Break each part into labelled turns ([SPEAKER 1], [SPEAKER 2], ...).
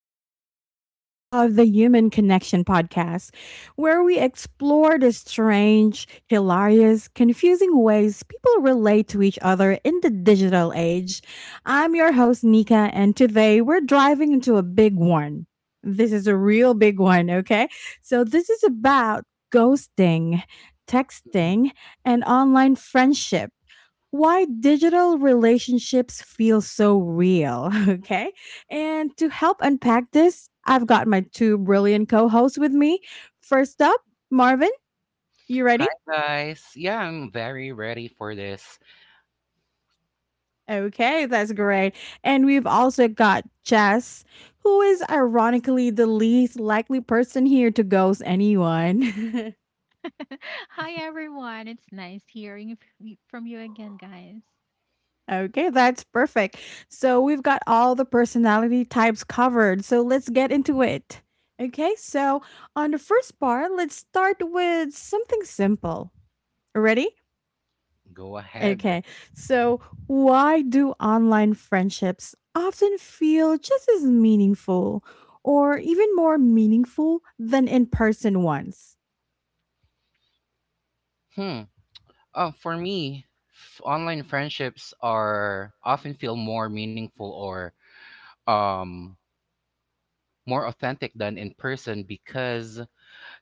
[SPEAKER 1] another episode of the Human Connection Podcast, where we explore the strange, hilarious, confusing ways people relate to each other in the digital age. I'm your host, Nika, and today we're driving into a big one. This is a real big one, okay? This is about ghosting,
[SPEAKER 2] Mhm.
[SPEAKER 1] texting, and online friendship, why digital relationships feel so real. Okay. And to help unpack this, I've got my two brilliant co hosts with me. First up, Marvin, you
[SPEAKER 2] Hi
[SPEAKER 1] ready?
[SPEAKER 2] guys. Yeah, I'm very ready for this.
[SPEAKER 1] Okay, that's great. And we've also got Jess, who is ironically the least likely person here to ghost anyone.
[SPEAKER 3] Hi everyone. It's nice hearing from you again, guys.
[SPEAKER 1] Okay, that's perfect. So we've got all the personality types covered. So let's get into it. Okay, so on the first part, let's start with something simple. Ready?
[SPEAKER 2] Go ahead.
[SPEAKER 1] Okay, so why do online friendships often feel just as meaningful or even more meaningful than in person ones?
[SPEAKER 2] Hmm. For me, online friendships are often feel more meaningful or um more authentic than in person because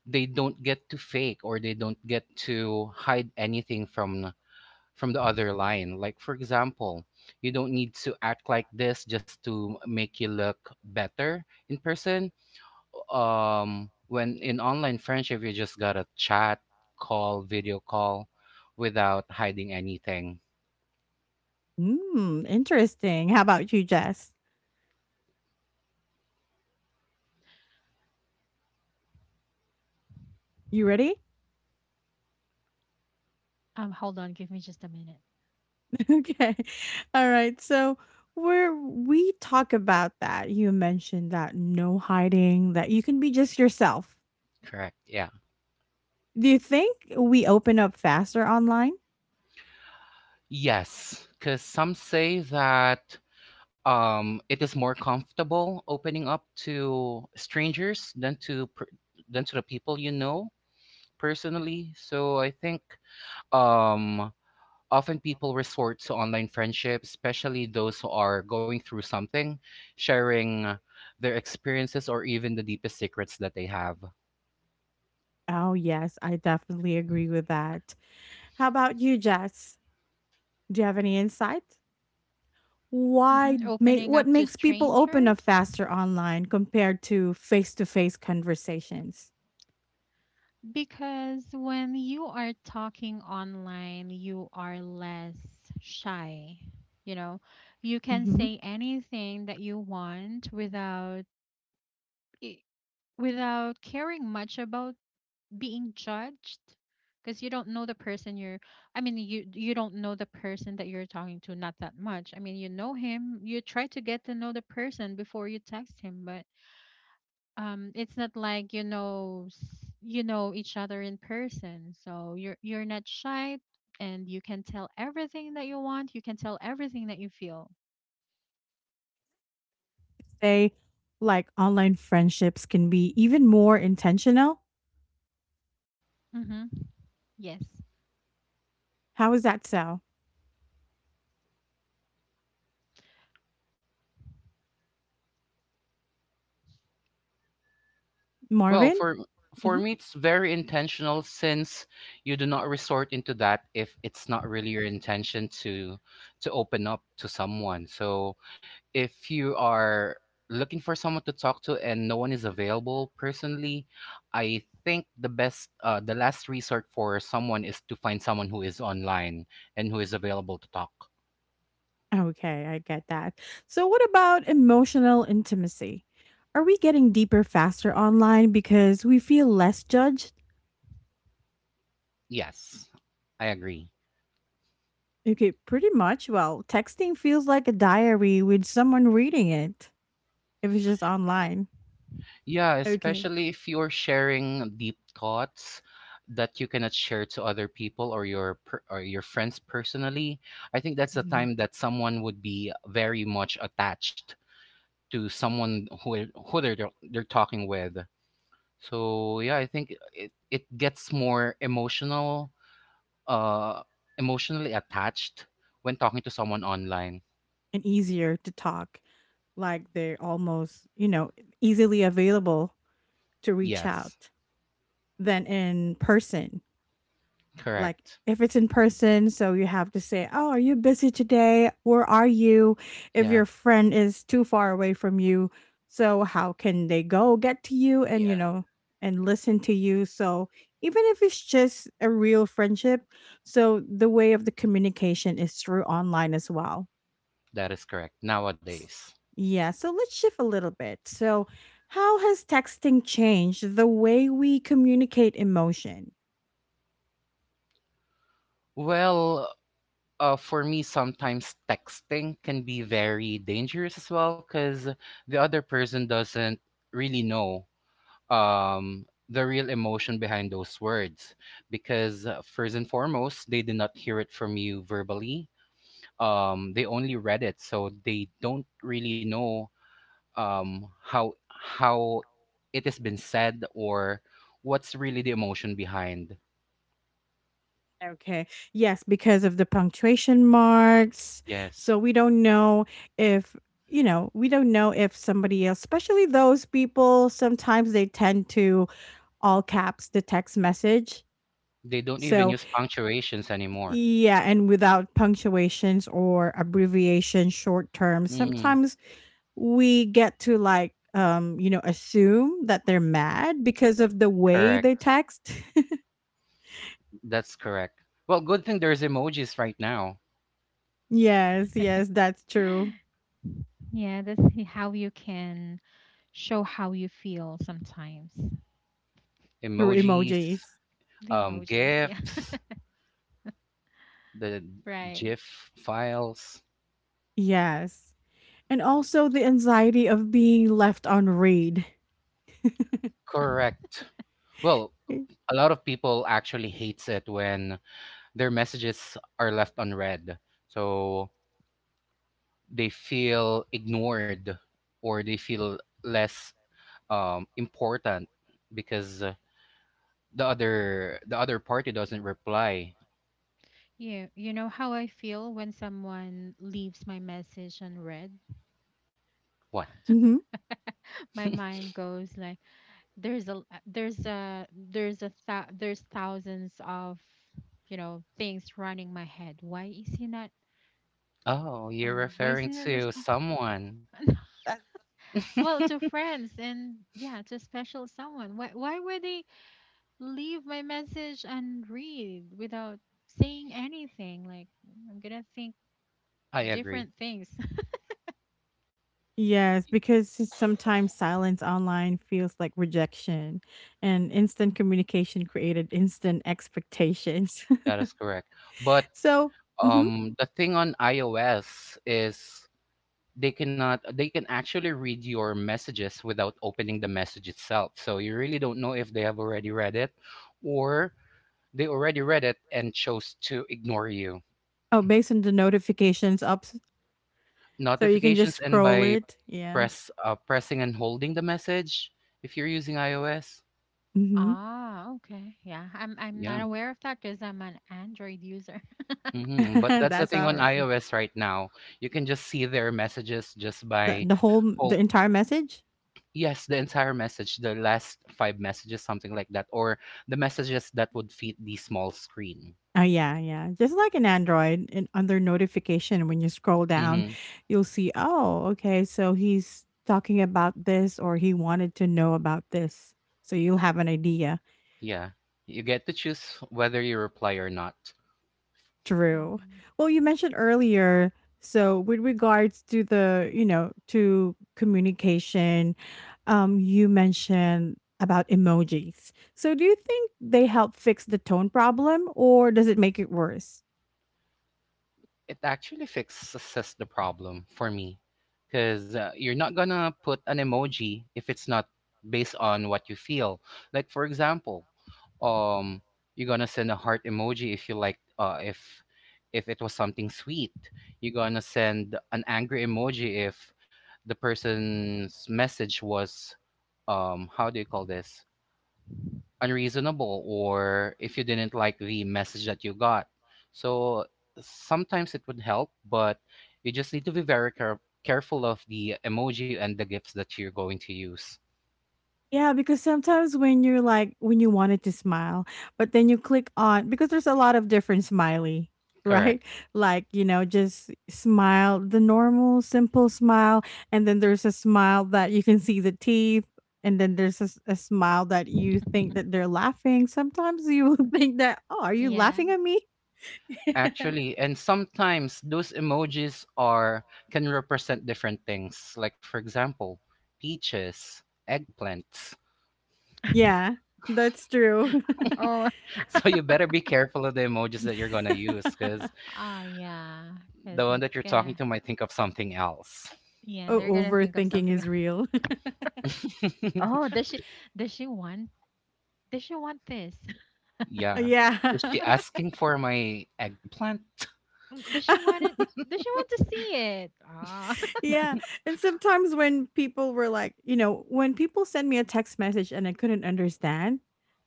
[SPEAKER 2] they don't get to fake or they don't get to hide anything from the other line. Like, for example, you don't need to act like this just to make you look better in person, when in online friendship, you just gotta chat, call, video call without hiding anything.
[SPEAKER 1] Hmm, interesting. How about you, Jess? You ready?
[SPEAKER 3] Hold on, give me just a minute.
[SPEAKER 1] Okay. All right. So where we talk about that, you mentioned that no hiding, that you can be just yourself.
[SPEAKER 2] Correct. Yeah.
[SPEAKER 1] Do you think we open up faster online?
[SPEAKER 2] Yes, because some say that it is more comfortable opening up to strangers than to the people you know personally, so I think um often people resort to online friendships, especially those who are going through something, sharing their experiences or even the deepest secrets that they have.
[SPEAKER 1] Oh, yes, I definitely agree with that. How about you, Jess? Do you have any insight? Why make
[SPEAKER 3] Opening
[SPEAKER 1] what
[SPEAKER 3] up to
[SPEAKER 1] makes people open up
[SPEAKER 3] strangers
[SPEAKER 1] faster online compared to face-to-face conversations?
[SPEAKER 3] because when you are talking online, you are less shy. You know, you can
[SPEAKER 1] Mhm.
[SPEAKER 3] say anything that you want without i- without caring much about being judged because you don't know the person you're I mean you you don't know the person that you're talking to. Not that much. I mean, you know him, you try to get to know the person before you text him, but it's not like you know each other in person, so you're not shy, and you can tell everything that you want, you can tell everything that you feel.
[SPEAKER 1] Say, like, online friendships can be even more intentional?
[SPEAKER 3] Hmm Yes.
[SPEAKER 1] How is that so?
[SPEAKER 2] Well,
[SPEAKER 1] Marvin?
[SPEAKER 2] for
[SPEAKER 1] Mhm.
[SPEAKER 2] me, it's very intentional since you do not resort into that if it's not really your intention to open up to someone. So, if you are looking for someone to talk to and no one is available personally, I think the last resort for someone is to find someone who is online and who is available to talk.
[SPEAKER 1] Okay, I get that. So what about emotional intimacy? Are we getting deeper faster online because we feel less judged?
[SPEAKER 2] Yes, I agree.
[SPEAKER 1] Okay, pretty much. Well, texting feels like a diary with someone reading it if it's just online.
[SPEAKER 2] Yeah,
[SPEAKER 1] Okay.
[SPEAKER 2] especially if you're sharing deep thoughts that you cannot share to other people or or your friends personally. I think that's the
[SPEAKER 1] Mhm.
[SPEAKER 2] time that someone would be very much attached to someone who they're talking with. So yeah, I think it gets more uh, emotionally attached when talking to someone online.
[SPEAKER 1] And easier to talk, like they're almost, you know, easily available to reach
[SPEAKER 2] Yes,
[SPEAKER 1] out than in person. Like
[SPEAKER 2] correct.
[SPEAKER 1] if it's in person, so you have to say, "Oh, are you busy today? Where are you?" If
[SPEAKER 2] Yeah,
[SPEAKER 1] your friend is too far away from you, so how can they go get to you and, you
[SPEAKER 2] yeah,
[SPEAKER 1] know, and listen to you? So even if it's just a real friendship, so the way of the communication is through online as well.
[SPEAKER 2] that is correct nowadays.
[SPEAKER 1] Yeah, so let's shift a little bit. So, how has texting changed the way we communicate emotion?
[SPEAKER 2] Well, for me, sometimes texting can be very dangerous as well because the other person doesn't really know, the real emotion behind those words. Because, first and foremost, they did not hear it from you verbally, they only read it. So they don't really know, how it has been said or what's really the emotion behind.
[SPEAKER 1] Okay. Yes, because of the punctuation marks.
[SPEAKER 2] Yes.
[SPEAKER 1] So, we don't know if, you know, we don't know if somebody else, especially those people, sometimes they tend to all caps the text message.
[SPEAKER 2] They don't even
[SPEAKER 1] So,
[SPEAKER 2] use punctuations anymore.
[SPEAKER 1] yeah, and without punctuations or abbreviation, short term,
[SPEAKER 2] Mhm.
[SPEAKER 1] sometimes we get to assume that they're mad because of the way they
[SPEAKER 2] Correct.
[SPEAKER 1] text.
[SPEAKER 2] That's correct. Well, good thing there's emojis right now.
[SPEAKER 1] Yes, yes, that's true.
[SPEAKER 3] Yeah, that's how you can show how you feel sometimes.
[SPEAKER 1] Through
[SPEAKER 2] Emojis,
[SPEAKER 1] emojis.
[SPEAKER 3] The emojis, yeah.
[SPEAKER 2] GIFs, the
[SPEAKER 3] Right.
[SPEAKER 2] GIF files.
[SPEAKER 1] Yes, and also the anxiety of being left on read.
[SPEAKER 2] Correct. Well,
[SPEAKER 1] Eh,
[SPEAKER 2] a lot of people actually hates it when their messages are left unread. So they feel ignored, or they feel less, important, because the other party doesn't reply.
[SPEAKER 3] You know how I feel when someone leaves my message unread?
[SPEAKER 2] What?
[SPEAKER 1] mm-hmm.
[SPEAKER 3] My mind goes like there's thousands of things running my head. Why is he not
[SPEAKER 2] Oh, you're
[SPEAKER 3] why is he
[SPEAKER 2] referring
[SPEAKER 3] not
[SPEAKER 2] to
[SPEAKER 3] responding?
[SPEAKER 2] someone.
[SPEAKER 3] Well, to friends and, yeah, to special someone. Why would they leave my message unread without saying anything? Like, I'm gonna think
[SPEAKER 2] I agree.
[SPEAKER 3] different things.
[SPEAKER 1] Yes, because sometimes silence online feels like rejection and instant communication created instant expectations.
[SPEAKER 2] That is correct. But,
[SPEAKER 1] So, mhm.
[SPEAKER 2] the thing on iOS is, they cannot they can actually read your messages without opening the message itself. So you really don't know if they have already read it, or they already read it and chose to ignore you.
[SPEAKER 1] Oh, based on the notifications ups. So you can just
[SPEAKER 2] Notifications, and
[SPEAKER 1] scroll
[SPEAKER 2] by
[SPEAKER 1] it. Yeah.
[SPEAKER 2] pressing and holding the message if you're using iOS.
[SPEAKER 1] Mm-hmm.
[SPEAKER 3] Ah, okay. Yeah, I'm not
[SPEAKER 2] Yeah.
[SPEAKER 3] aware of that because I'm an Android user.
[SPEAKER 2] But that's the
[SPEAKER 1] That's
[SPEAKER 2] thing
[SPEAKER 1] all
[SPEAKER 2] on
[SPEAKER 1] right.
[SPEAKER 2] iOS right now. You can just see their messages just
[SPEAKER 1] The,
[SPEAKER 2] by
[SPEAKER 1] the whole
[SPEAKER 2] hol-
[SPEAKER 1] the entire message.
[SPEAKER 2] Yes, the entire message, the last five messages, something like that, or the messages that would fit the small screen.
[SPEAKER 1] Oh yeah, yeah. Just like in Android, and under notification, when you scroll down,
[SPEAKER 2] Mm-hmm.
[SPEAKER 1] you'll see. Oh, okay. So he's talking about this, or he wanted to know about this. So you'll have an idea.
[SPEAKER 2] Yeah. You get to choose whether you reply or not.
[SPEAKER 1] True.
[SPEAKER 3] Mm.
[SPEAKER 1] Well, you mentioned earlier, so with regards to you know, to communication, you mentioned about emojis. So do you think they help fix the tone problem or does it make it worse?
[SPEAKER 2] It actually fixes the problem for me because you're not gonna put an emoji if it's not based on what you feel. Like, for example, um you're gonna send a heart emoji if you like if it was something sweet. You're gonna send an angry emoji if the person's message was, how do you call this, unreasonable, or if you didn't like the message that you got. So sometimes it would help, but you just need to be very careful of the emoji and the gifts that you're going to use.
[SPEAKER 1] Yeah, because sometimes when you're like when you wanted to smile, but then you click on because there's a lot of different smiley,
[SPEAKER 2] Correct.
[SPEAKER 1] right? Like, you know, just smile, the normal simple smile, and then there's a smile that you can see the teeth, and then there's a, a smile that you think that they're laughing. Sometimes you will think that, "Oh, are you
[SPEAKER 3] Yeah.
[SPEAKER 1] laughing at me?"
[SPEAKER 2] Actually, and sometimes those emojis are can represent different things. Like, for example, peaches, eggplants.
[SPEAKER 1] Yeah, that's true.
[SPEAKER 3] Oh,
[SPEAKER 2] So you better be careful of the emojis that you're gonna use because
[SPEAKER 3] oh yeah. Because
[SPEAKER 2] the one that
[SPEAKER 3] it's
[SPEAKER 2] you're talking
[SPEAKER 3] gonna,
[SPEAKER 2] to might think of something else.
[SPEAKER 3] yeah,
[SPEAKER 1] Oh,
[SPEAKER 3] they're gonna think of
[SPEAKER 1] overthinking
[SPEAKER 3] something
[SPEAKER 1] is
[SPEAKER 3] else.
[SPEAKER 1] real.
[SPEAKER 3] Oh, does she want does she want this?
[SPEAKER 2] Yeah. Is
[SPEAKER 1] Yeah.
[SPEAKER 2] she asking for my eggplant?
[SPEAKER 3] Does she want it? Does she want to see it? Ah,
[SPEAKER 1] Yeah, and sometimes when people were like, you know, when people send me a text message and I couldn't understand,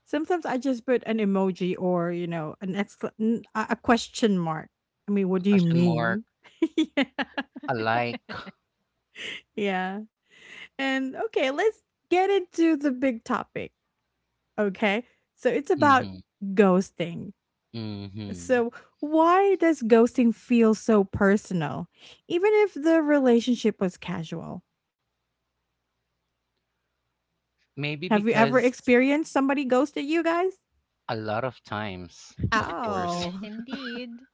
[SPEAKER 1] sometimes I just put an emoji or, you know, an a question mark. I mean, what
[SPEAKER 2] A
[SPEAKER 1] do you
[SPEAKER 2] question mark.
[SPEAKER 1] mean? Yeah,
[SPEAKER 2] A like.
[SPEAKER 1] yeah. And okay, let's get into the big topic. Okay, so it's about
[SPEAKER 2] Mm-hmm.
[SPEAKER 1] ghosting.
[SPEAKER 2] Mm-hmm.
[SPEAKER 1] So, why does ghosting feel so personal, even if the relationship was casual?
[SPEAKER 2] Maybe
[SPEAKER 1] Have you ever
[SPEAKER 2] because
[SPEAKER 1] experienced somebody ghosted you guys?
[SPEAKER 2] a lot of times, of course.
[SPEAKER 3] yes,
[SPEAKER 1] Oh.
[SPEAKER 3] indeed.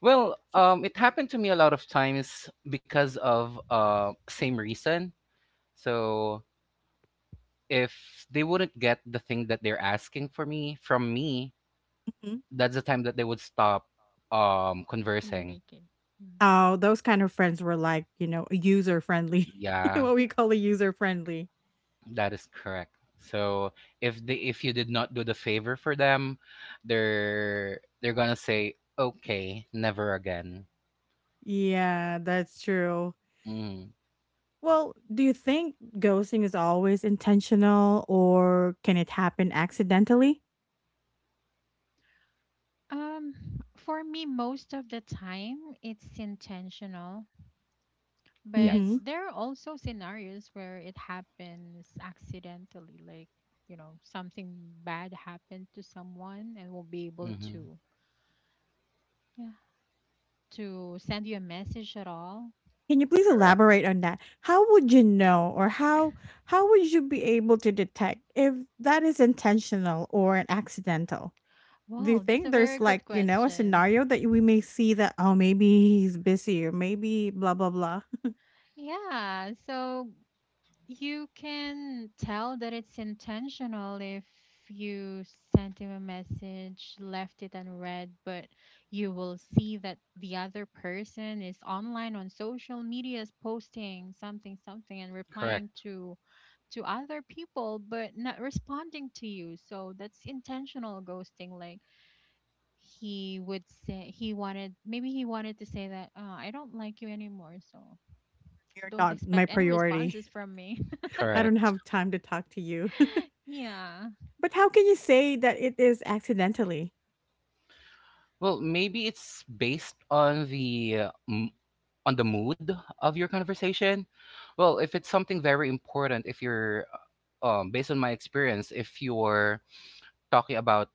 [SPEAKER 2] Well, it happened to me a lot of times because of, same reason. So if they wouldn't get the thing that they're asking for me from me,
[SPEAKER 1] Mhm.
[SPEAKER 2] that's the time that they would stop, conversing.
[SPEAKER 3] Communicate. Mm.
[SPEAKER 1] Oh, those kind of friends were like, you know, user friendly.
[SPEAKER 2] Yeah,
[SPEAKER 1] What we call a user friendly.
[SPEAKER 2] that is correct. So if you did not do the favor for them, they're gonna say okay, never again.
[SPEAKER 1] Yeah, that's true.
[SPEAKER 2] Mm,
[SPEAKER 1] Well, do you think ghosting is always intentional or can it happen accidentally?
[SPEAKER 3] Um, for me, most of the time, it's intentional. But
[SPEAKER 2] yes.
[SPEAKER 1] Mhm.
[SPEAKER 3] there are also scenarios where it happens accidentally, like, something bad happened to someone and will be able
[SPEAKER 2] Hmm.
[SPEAKER 3] to, yeah, to send you a message at all.
[SPEAKER 1] Can you please
[SPEAKER 2] Correct.
[SPEAKER 1] elaborate on that? How would you be able to detect if that is intentional or an accidental? Do you
[SPEAKER 3] Wow, that's
[SPEAKER 1] think
[SPEAKER 3] a very
[SPEAKER 1] there's
[SPEAKER 3] good
[SPEAKER 1] like, you know, a
[SPEAKER 3] question.
[SPEAKER 1] scenario that we may see that, oh, maybe he's busy or maybe blah, blah, blah.
[SPEAKER 3] Yeah, so you can tell that it's intentional if you sent him a message, left it unread, but you will see that the other person is online on social medias posting something and replying
[SPEAKER 2] Correct.
[SPEAKER 3] to other people but not responding to you. So that's intentional ghosting. Like, he would say he wanted maybe he wanted to say that, I don't like you anymore, so
[SPEAKER 1] You're
[SPEAKER 3] don't
[SPEAKER 1] not
[SPEAKER 3] expect
[SPEAKER 1] my
[SPEAKER 3] any
[SPEAKER 1] priority.
[SPEAKER 3] responses from me.
[SPEAKER 1] I don't
[SPEAKER 2] Correct.
[SPEAKER 1] have time to talk to you.
[SPEAKER 3] Yeah.
[SPEAKER 1] But how can you say that it is accidentally?
[SPEAKER 2] Well, maybe it's based on on the mood of your conversation. Well, if it's something very important, if you're based on my experience, if you're talking about,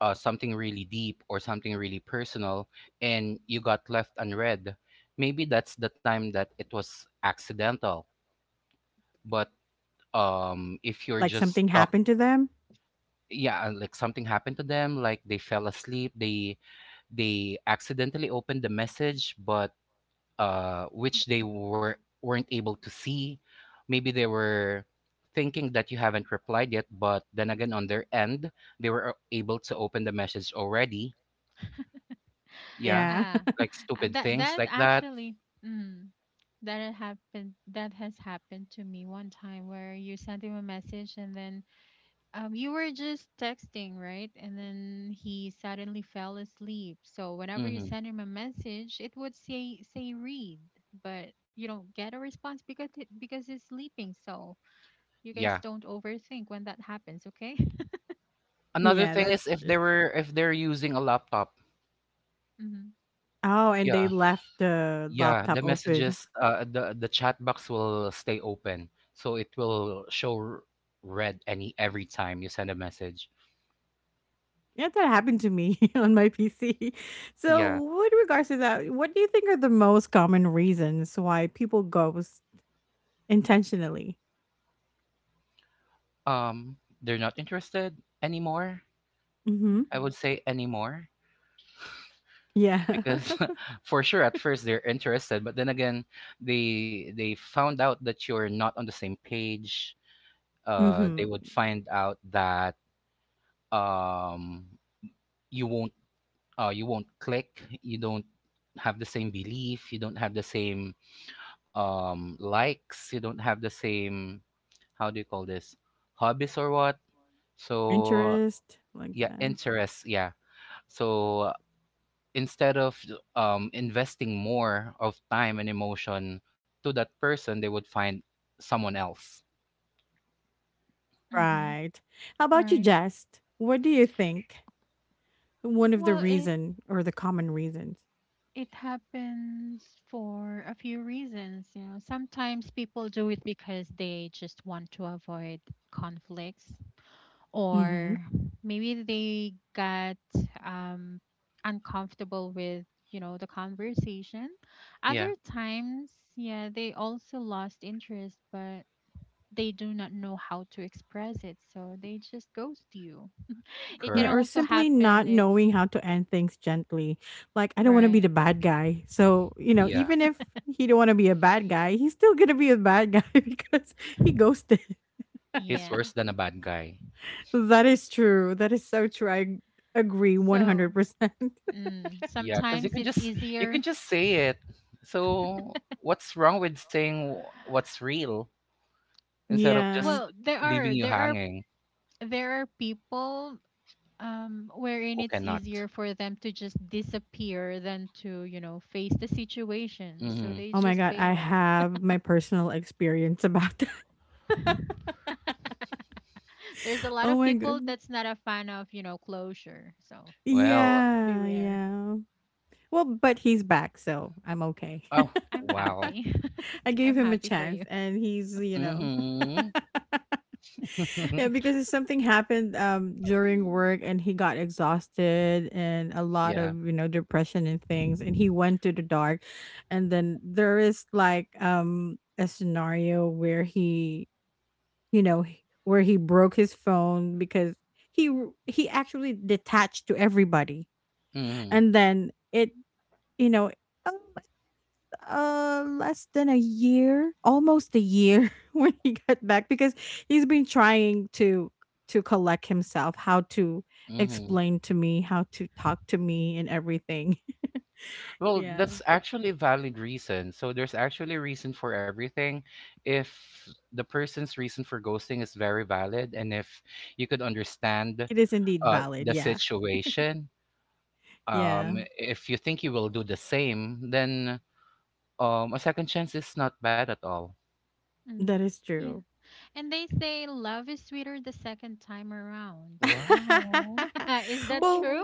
[SPEAKER 2] something really deep or something really personal, and you got left unread, maybe that's the time that it was accidental. But, if you're
[SPEAKER 1] Like
[SPEAKER 2] just
[SPEAKER 1] something
[SPEAKER 2] talking,
[SPEAKER 1] happened to them?
[SPEAKER 2] yeah, like something happened to them, like they fell asleep. They accidentally opened the message, but, which they weren't able to see. Maybe they were thinking that you haven't replied yet, but then again, on their end, they were, able to open the message already. Yeah,
[SPEAKER 1] Yeah.
[SPEAKER 3] Ah,
[SPEAKER 2] like stupid
[SPEAKER 3] that
[SPEAKER 2] things
[SPEAKER 3] that
[SPEAKER 2] like that.
[SPEAKER 3] actually, mm, that had happened. That has happened to me one time where you sent him a message and then you were just texting, right? And then he suddenly fell asleep. So whenever you
[SPEAKER 2] hmm
[SPEAKER 3] send him a message, it would say read, but you don't get a response because he's sleeping. So you guys
[SPEAKER 2] Yeah.
[SPEAKER 3] don't overthink when that happens, okay?
[SPEAKER 2] Another
[SPEAKER 1] Yeah,
[SPEAKER 2] thing
[SPEAKER 1] that's
[SPEAKER 2] is
[SPEAKER 1] true.
[SPEAKER 2] if they're using a laptop.
[SPEAKER 3] Mm-hmm.
[SPEAKER 1] Oh, and they
[SPEAKER 2] Yeah,
[SPEAKER 1] left the
[SPEAKER 2] yeah.
[SPEAKER 1] laptop
[SPEAKER 2] The
[SPEAKER 1] open.
[SPEAKER 2] messages, the chat box will stay open, so it will show red any every time you send a message.
[SPEAKER 1] Yeah, that happened to me on my PC.
[SPEAKER 2] Yeah.
[SPEAKER 1] So, with regards to that, what do you think are the most common reasons why people ghost intentionally?
[SPEAKER 2] They're not interested anymore.
[SPEAKER 1] Mm-hmm.
[SPEAKER 2] I
[SPEAKER 3] Mm-hmm.
[SPEAKER 2] would say anymore
[SPEAKER 1] Yeah.
[SPEAKER 2] because for sure at first they're interested, but then again, they found out that you're not on the same page. They
[SPEAKER 1] Mhm.
[SPEAKER 2] would find out that um you won't you won't click. You don't have the same belief. You don't have the same likes. You don't have the same, how do you call this, hobbies or what? So
[SPEAKER 1] Interest like
[SPEAKER 2] yeah,
[SPEAKER 1] that.
[SPEAKER 2] interests. Yeah. So instead of, investing more of time and emotion to that person, they would find someone else.
[SPEAKER 3] Mm-hmm.
[SPEAKER 1] Right. How about you,
[SPEAKER 3] Right.
[SPEAKER 1] Jess? What do you think one of the
[SPEAKER 3] Well, it
[SPEAKER 1] reason or the common reasons?
[SPEAKER 3] It happens for a few reasons. Sometimes people do it because they just want to avoid conflicts,
[SPEAKER 1] Mhm.
[SPEAKER 3] or maybe they got um, uncomfortable with, the conversation.
[SPEAKER 2] Yeah,
[SPEAKER 3] Other times, yeah, they also lost interest, but they do not know how to express it, so they just ghost you. It can
[SPEAKER 1] Yeah, or
[SPEAKER 2] correct.
[SPEAKER 3] also
[SPEAKER 1] simply not
[SPEAKER 3] happen if,
[SPEAKER 1] knowing how to end things gently. Like I don't want to be
[SPEAKER 3] right,
[SPEAKER 1] the bad guy. So, you know,
[SPEAKER 2] Yeah,
[SPEAKER 1] even if he don't want to be a bad guy, he's still going to be a bad guy because he ghosted.
[SPEAKER 2] he's
[SPEAKER 3] yeah.
[SPEAKER 2] worse than a bad guy.
[SPEAKER 1] That is true. That is so true. I agree
[SPEAKER 3] So,
[SPEAKER 1] 100%.
[SPEAKER 3] mm,
[SPEAKER 2] Yeah, because you
[SPEAKER 3] sometimes
[SPEAKER 2] can
[SPEAKER 3] it's
[SPEAKER 2] just you
[SPEAKER 3] easier.
[SPEAKER 2] can just say it. So what's wrong with saying what's real instead of just
[SPEAKER 1] Yeah.
[SPEAKER 3] Well, there
[SPEAKER 2] leaving
[SPEAKER 3] are,
[SPEAKER 2] you
[SPEAKER 3] there are
[SPEAKER 2] hanging?
[SPEAKER 3] there are people, wherein
[SPEAKER 2] Who
[SPEAKER 3] it's
[SPEAKER 2] cannot?
[SPEAKER 3] easier for them to just disappear than to, face the situation. So
[SPEAKER 2] Mm-hmm.
[SPEAKER 3] they
[SPEAKER 1] Oh my
[SPEAKER 3] just
[SPEAKER 1] god, I
[SPEAKER 3] bail.
[SPEAKER 1] have my personal experience about that.
[SPEAKER 3] There's a lot
[SPEAKER 1] Oh
[SPEAKER 3] of
[SPEAKER 1] my god.
[SPEAKER 3] people that's not a fan of, closure. So
[SPEAKER 2] Well,
[SPEAKER 1] Yeah,
[SPEAKER 3] beware.
[SPEAKER 1] yeah. Well, but he's back, so I'm okay.
[SPEAKER 2] oh,
[SPEAKER 3] I'm
[SPEAKER 2] wow.
[SPEAKER 3] happy.
[SPEAKER 1] I gave
[SPEAKER 3] I'm
[SPEAKER 1] him a
[SPEAKER 3] happy for
[SPEAKER 1] chance
[SPEAKER 3] you.
[SPEAKER 1] and he's, you know.
[SPEAKER 2] Mm-hmm.
[SPEAKER 1] Yeah, because something happened during work and he got exhausted and a lot
[SPEAKER 2] Yeah.
[SPEAKER 1] of, you know, depression and things and he went to the dark. And then there is like a scenario where he, you know, where he broke his phone because he actually detached to everybody.
[SPEAKER 2] Mm-hmm.
[SPEAKER 1] And then it, you know, um, less than a year, almost a year when he got back because he's been trying to collect himself, how to
[SPEAKER 2] Mm-hmm.
[SPEAKER 1] explain to me, how to talk to me and everything.
[SPEAKER 2] Well,
[SPEAKER 1] Yeah.
[SPEAKER 2] that's actually a valid reason. So there's actually a reason for everything. If the person's reason for ghosting is very valid, and if you could understand,
[SPEAKER 1] It is indeed valid.
[SPEAKER 2] the
[SPEAKER 1] Yeah.
[SPEAKER 2] situation,
[SPEAKER 1] Yeah.
[SPEAKER 2] if you think you will do the same, then, a second chance is not bad at all.
[SPEAKER 3] hmm
[SPEAKER 1] That is
[SPEAKER 3] Yeah.
[SPEAKER 1] true.
[SPEAKER 3] And they say love is sweeter the second time around.
[SPEAKER 2] Wow.
[SPEAKER 3] Is that
[SPEAKER 1] Well,
[SPEAKER 3] true?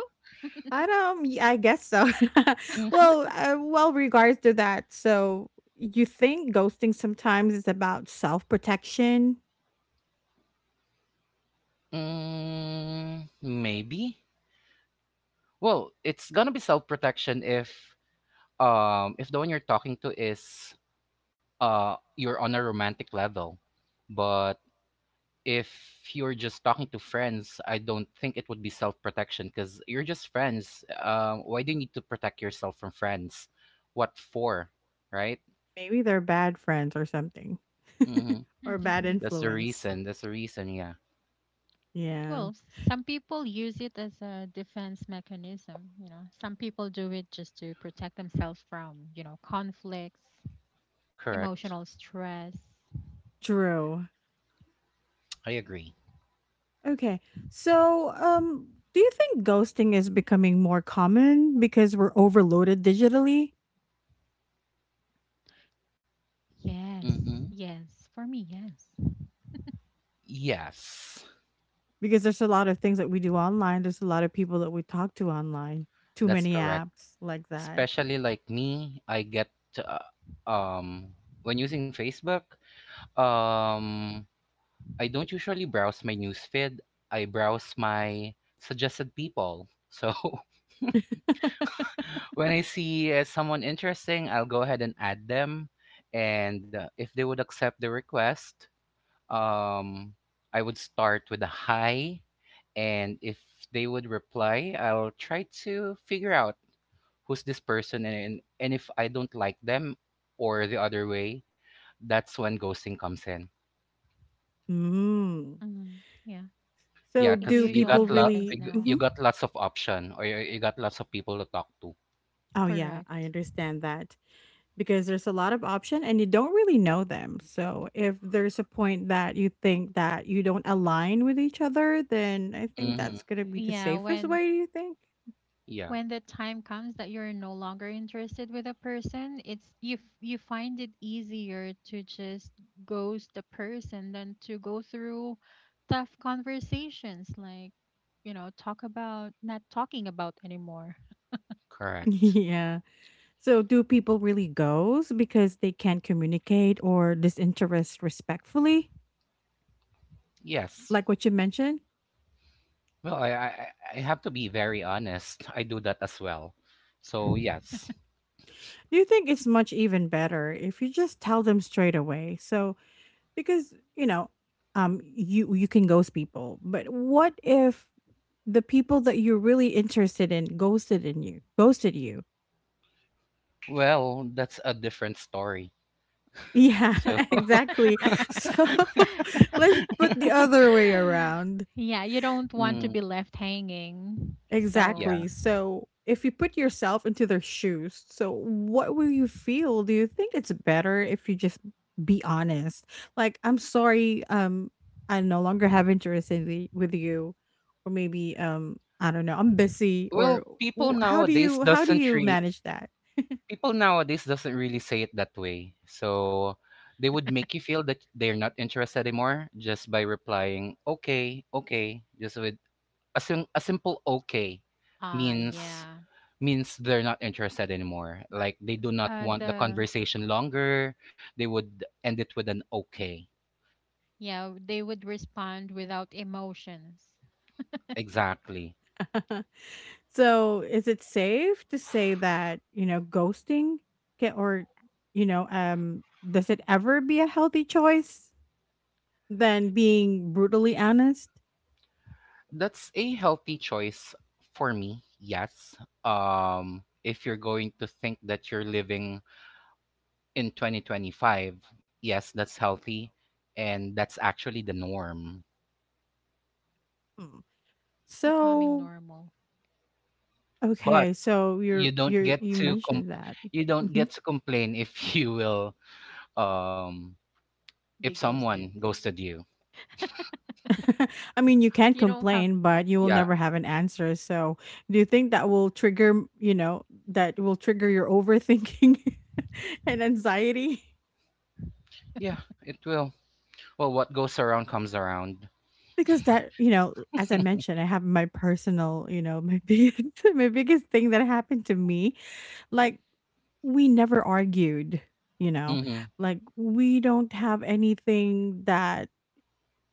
[SPEAKER 1] I don't y I guess so.
[SPEAKER 2] Mm-hmm.
[SPEAKER 1] Well, well, regards to that, so you think ghosting sometimes is about self-protection?
[SPEAKER 2] Mm, maybe. Well, it's gonna be self protection if the one you're talking to is you're on a romantic level. But if you're just talking to friends, I don't think it would be self-protection because you're just friends. Why do you need to protect yourself from friends? What for? Right?
[SPEAKER 1] Maybe they're bad friends or something.
[SPEAKER 2] Mm-hmm.
[SPEAKER 1] Or bad
[SPEAKER 2] That's the
[SPEAKER 1] influence.
[SPEAKER 2] reason. That's the reason. Yeah,
[SPEAKER 1] Yeah,
[SPEAKER 3] Well, some people use it as a defense mechanism. Some people do it just to protect themselves from, conflicts,
[SPEAKER 2] correct.
[SPEAKER 3] emotional stress.
[SPEAKER 1] true.
[SPEAKER 2] I agree.
[SPEAKER 1] Okay. So, do you think ghosting is becoming more common because we're overloaded digitally?
[SPEAKER 3] Yes,
[SPEAKER 2] Mm-hmm.
[SPEAKER 3] yes. For me, yes.
[SPEAKER 2] Yes,
[SPEAKER 1] Because there's a lot of things that we do online, there's a lot of people that we talk to online. Too
[SPEAKER 2] that's
[SPEAKER 1] many
[SPEAKER 2] correct.
[SPEAKER 1] apps like that.
[SPEAKER 2] Especially like me, I get, uh, um when using Facebook, um I don't usually browse my newsfeed. I browse my suggested people. So when I see, someone interesting, I'll go ahead and add them. And, if they would accept the request, um, I would start with a hi. And if they would reply, I'll try to figure out who's this person. And if I don't like them or the other way, that's when ghosting comes in.
[SPEAKER 1] Mm.
[SPEAKER 3] Mm, yeah.
[SPEAKER 1] So
[SPEAKER 2] Yeah,
[SPEAKER 3] It
[SPEAKER 2] cause
[SPEAKER 1] do
[SPEAKER 2] you
[SPEAKER 3] usually
[SPEAKER 1] people
[SPEAKER 2] got lo
[SPEAKER 3] happens
[SPEAKER 1] really
[SPEAKER 2] you
[SPEAKER 3] now.
[SPEAKER 2] you
[SPEAKER 1] mhm.
[SPEAKER 2] got lots of option, or you got lots of people to talk to.
[SPEAKER 1] Oh yeah, I
[SPEAKER 3] Correct.
[SPEAKER 1] understand that because there's a lot of option and you don't really know them. So if there's a point that you think that you don't align with each other, then I think
[SPEAKER 2] Mhm.
[SPEAKER 1] that's going to be the
[SPEAKER 3] Yeah,
[SPEAKER 1] safest
[SPEAKER 3] when
[SPEAKER 1] way, do you think?
[SPEAKER 2] Yeah,
[SPEAKER 3] when the time comes that you're no longer interested with a person, it's you find it easier to just ghost the person than to go through tough conversations, like, talk about not talking about anymore.
[SPEAKER 2] correct.
[SPEAKER 1] Yeah. So do people really ghost because they can't communicate or disinterest respectfully?
[SPEAKER 2] Yes.
[SPEAKER 1] Like what you mentioned?
[SPEAKER 2] Well, I have to be very honest. I do that as well. So, yes.
[SPEAKER 1] Do you think it's much even better if you just tell them straight away? So because, you know, you you can ghost people, but what if the people that you're really interested in ghosted in you, ghosted you?
[SPEAKER 2] Well, that's a different story.
[SPEAKER 1] Yeah,
[SPEAKER 2] So,
[SPEAKER 1] exactly. So let's put the other way around.
[SPEAKER 3] Yeah, you don't want to
[SPEAKER 2] mm,
[SPEAKER 3] be left hanging, so
[SPEAKER 2] yeah.
[SPEAKER 1] Exactly. So, if you put yourself into their shoes, so what will you feel? Do you think it's better if you just be honest? Like, I'm sorry, I no longer have interest in the, with you, or maybe, I don't know, I'm busy, or
[SPEAKER 2] Well,
[SPEAKER 1] how do you manage that?
[SPEAKER 2] people nowadays doesn't really say it that way. So, they would make you feel that they're not interested anymore just by replying, "Okay, okay," just with a simple okay
[SPEAKER 3] ah,
[SPEAKER 2] means
[SPEAKER 3] yeah,
[SPEAKER 2] means they're not interested anymore, like they do not want the
[SPEAKER 3] the
[SPEAKER 2] conversation longer. They would end it with an okay.
[SPEAKER 3] Yeah, they would respond without emotions.
[SPEAKER 2] Exactly.
[SPEAKER 1] So, is it safe to say that you know ghosting can, or you know, does it ever be a healthy choice than being brutally honest?
[SPEAKER 2] That's a healthy choice for me, yes. If you're going to think that you're living in 2025, yes, that's healthy. And that's actually the norm.
[SPEAKER 1] Hmm.
[SPEAKER 3] It's becoming
[SPEAKER 1] So,
[SPEAKER 3] normal.
[SPEAKER 2] But
[SPEAKER 1] okay, so
[SPEAKER 2] you
[SPEAKER 1] you're
[SPEAKER 2] don't
[SPEAKER 1] you're
[SPEAKER 2] get
[SPEAKER 1] you
[SPEAKER 2] to com-
[SPEAKER 1] mentioned that.
[SPEAKER 2] you don't
[SPEAKER 1] Mhm.
[SPEAKER 2] get to complain if, you will, um if
[SPEAKER 3] Be
[SPEAKER 2] someone
[SPEAKER 3] ghosted.
[SPEAKER 2] ghosted you.
[SPEAKER 1] I mean, you can't
[SPEAKER 3] You don't have.
[SPEAKER 1] complain, but you will
[SPEAKER 2] Yeah,
[SPEAKER 1] never have an answer. So, do you think that will trigger, you know, that will trigger your overthinking and anxiety?
[SPEAKER 2] yeah, it will. Well, what goes around comes around.
[SPEAKER 1] Because that, you know, as I mentioned, I have my personal, you know, my my biggest thing that happened to me, like, we never argued, you know,
[SPEAKER 2] Mm-hmm.
[SPEAKER 1] like we don't have anything that,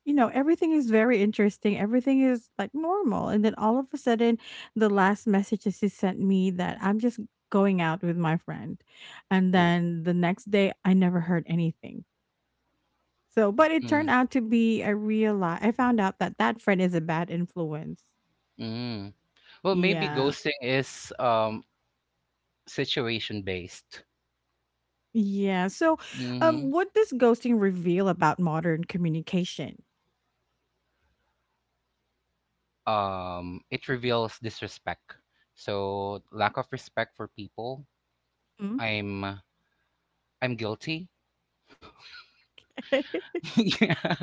[SPEAKER 1] you know, everything is very interesting. Everything is like normal. And then all of a sudden, the last message that she sent me that I'm just going out with my friend. And
[SPEAKER 2] Ooh.
[SPEAKER 1] then the next day, I never heard anything. So, but it
[SPEAKER 2] Mm,
[SPEAKER 1] turned out to be a real lie. I found out that that friend is a bad influence.
[SPEAKER 2] mm. Well, maybe
[SPEAKER 1] Yeah.
[SPEAKER 2] ghosting is situation based.
[SPEAKER 1] Yeah. So,
[SPEAKER 2] Mm-hmm.
[SPEAKER 1] what does ghosting reveal about modern communication?
[SPEAKER 2] It reveals disrespect. So lack of respect for people.
[SPEAKER 1] Hmm?
[SPEAKER 2] I'm I'm guilty. Yeah.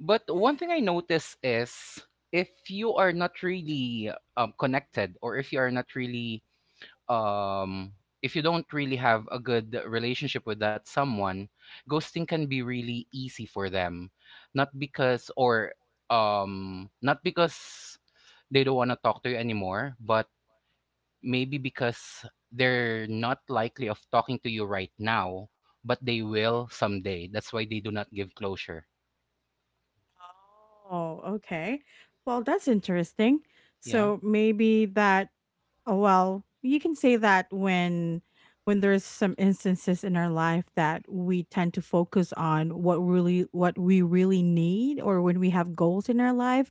[SPEAKER 2] But one thing I notice is, if you are not really, connected, or um if you don't really have a good relationship with that someone, ghosting can be really easy for them. Not because or um not because they don't want to talk to you anymore, but maybe because they're not likely of talking to you right now, but they will someday. That's why they do not give closure.
[SPEAKER 1] Oh, okay. Well, that's interesting.
[SPEAKER 2] Yeah,
[SPEAKER 1] So maybe that. Oh, well, you can say that when there's some instances in our life that we tend to focus on what we really need, or when we have goals in our life,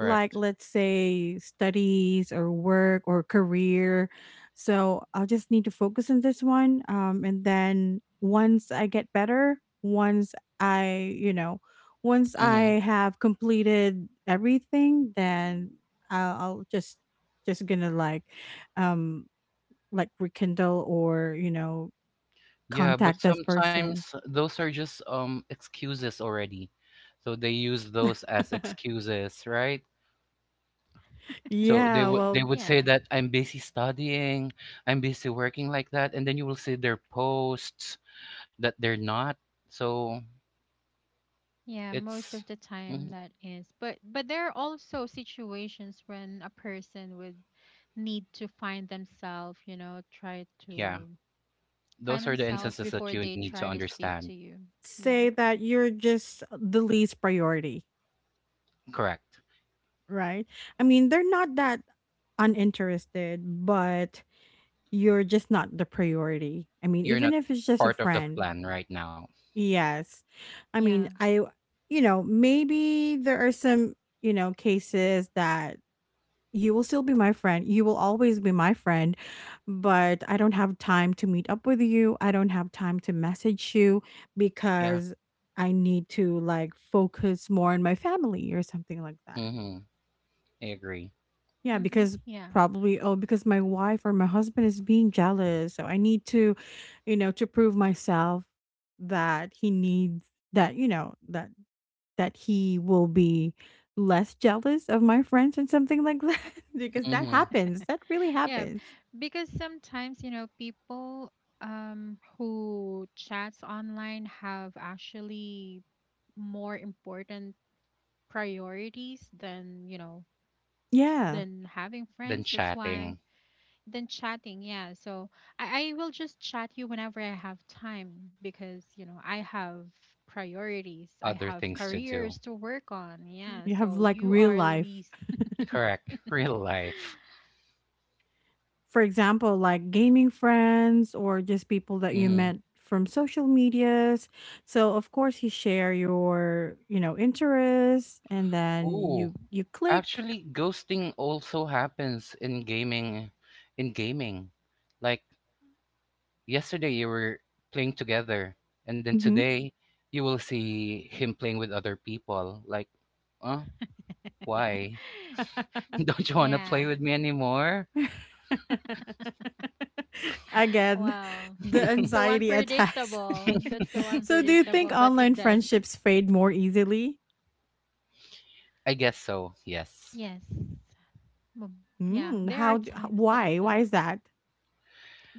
[SPEAKER 1] like let's say studies or work or career. So I'll just need to focus on this one. And then once I get better, once I
[SPEAKER 2] Mhm.
[SPEAKER 1] have completed everything, then I'll just gonna like um rekindle or
[SPEAKER 2] Yeah, but
[SPEAKER 1] contact this person.
[SPEAKER 2] sometimes those are just excuses already. So they use those as excuses, right? So they
[SPEAKER 1] Yeah,
[SPEAKER 2] would they
[SPEAKER 1] well,
[SPEAKER 2] would say
[SPEAKER 3] Yeah,
[SPEAKER 2] that I'm busy studying, I'm busy working like that, and then you will see their posts that they're not. So
[SPEAKER 3] yeah, most
[SPEAKER 2] it's
[SPEAKER 3] of the time
[SPEAKER 2] mhm,
[SPEAKER 3] that is. But there are also situations when a person would need to find themselves, try
[SPEAKER 2] yeah,
[SPEAKER 3] to find
[SPEAKER 2] those are the
[SPEAKER 3] themselves
[SPEAKER 2] instances that
[SPEAKER 3] before
[SPEAKER 2] you
[SPEAKER 3] they
[SPEAKER 2] need to
[SPEAKER 3] try to speak
[SPEAKER 2] understand.
[SPEAKER 3] to you. Yeah.
[SPEAKER 1] say that you're just the least priority,
[SPEAKER 2] Correct.
[SPEAKER 1] right? I mean, they're not that uninterested, but you're just not the priority. I mean
[SPEAKER 2] You're
[SPEAKER 1] even
[SPEAKER 2] not
[SPEAKER 1] if it's just a
[SPEAKER 2] part of the
[SPEAKER 1] friend
[SPEAKER 2] plan right now.
[SPEAKER 1] yes I mean
[SPEAKER 3] Yeah.
[SPEAKER 1] I maybe there are some cases that. You will still be my friend. You will always be my friend, but I don't have time to meet up with you. I don't have time to message you
[SPEAKER 2] Yeah.
[SPEAKER 1] because I need to like focus more on my family or something like that.
[SPEAKER 2] hmm I agree.
[SPEAKER 1] Yeah,
[SPEAKER 3] Mm-hmm.
[SPEAKER 1] because
[SPEAKER 3] Yeah.
[SPEAKER 1] probably, oh, because my wife or my husband is being jealous, so I need to, you know, to prove myself that he needs that, that he will be less jealous of my friends and something like that. Because that
[SPEAKER 2] hmm
[SPEAKER 1] happens. That really
[SPEAKER 3] Yeah,
[SPEAKER 1] happens.
[SPEAKER 3] because sometimes, people, who chats online have actually more important priorities than, you know,
[SPEAKER 1] Yeah.
[SPEAKER 3] than having
[SPEAKER 2] Then
[SPEAKER 3] friends. That's why,
[SPEAKER 2] chatting,
[SPEAKER 3] than chatting, yeah. So I will just chat you whenever I have time because, I have priorities. I
[SPEAKER 2] other
[SPEAKER 3] have
[SPEAKER 2] things to do.
[SPEAKER 3] careers to work on. Yeah.
[SPEAKER 1] You have
[SPEAKER 3] So
[SPEAKER 1] like
[SPEAKER 3] you
[SPEAKER 1] real
[SPEAKER 3] are
[SPEAKER 1] life.
[SPEAKER 3] least.
[SPEAKER 2] Correct. Real life.
[SPEAKER 1] For example, like gaming friends or just people that you
[SPEAKER 2] hmm
[SPEAKER 1] met from social medias. So of course you share your, interests, and then you
[SPEAKER 2] Ooh,
[SPEAKER 1] you click.
[SPEAKER 2] actually, ghosting also happens in gaming. In gaming, like yesterday, you were playing together, and then
[SPEAKER 1] Mhm.
[SPEAKER 2] today, you will see him playing with other people. Uh, why? Don't you want to
[SPEAKER 3] Yeah.
[SPEAKER 2] play with me anymore?
[SPEAKER 1] Again,
[SPEAKER 3] Wow.
[SPEAKER 1] the
[SPEAKER 3] So
[SPEAKER 1] anxiety attacks.
[SPEAKER 3] unpredictable. That's so
[SPEAKER 1] So, do you think
[SPEAKER 3] unpredictable, but
[SPEAKER 1] online
[SPEAKER 3] it does.
[SPEAKER 1] friendships fade more easily?
[SPEAKER 2] I guess so. Yes.
[SPEAKER 3] Yes. Mab- Yeah,
[SPEAKER 1] Hmm.
[SPEAKER 3] there
[SPEAKER 1] How?
[SPEAKER 3] are times that it
[SPEAKER 1] Why
[SPEAKER 3] does.
[SPEAKER 1] is that?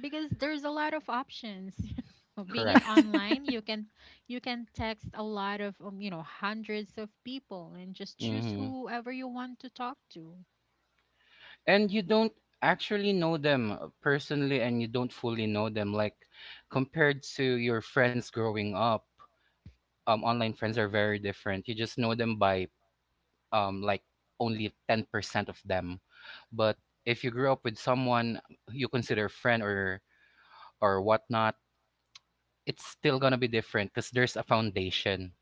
[SPEAKER 3] Because there's a lot of options. Being it
[SPEAKER 2] Correct.
[SPEAKER 3] online, you can text a lot of, hundreds of people and just choose
[SPEAKER 2] hmm
[SPEAKER 3] whoever you want to talk to.
[SPEAKER 2] And you don't actually know them personally, and you don't fully know them. Like, compared to your friends growing up. Online friends are very different. You just know them by um, like only 10% of them. But if you grew up with someone you consider friend or whatnot, it's still gonna be different because there's a foundation.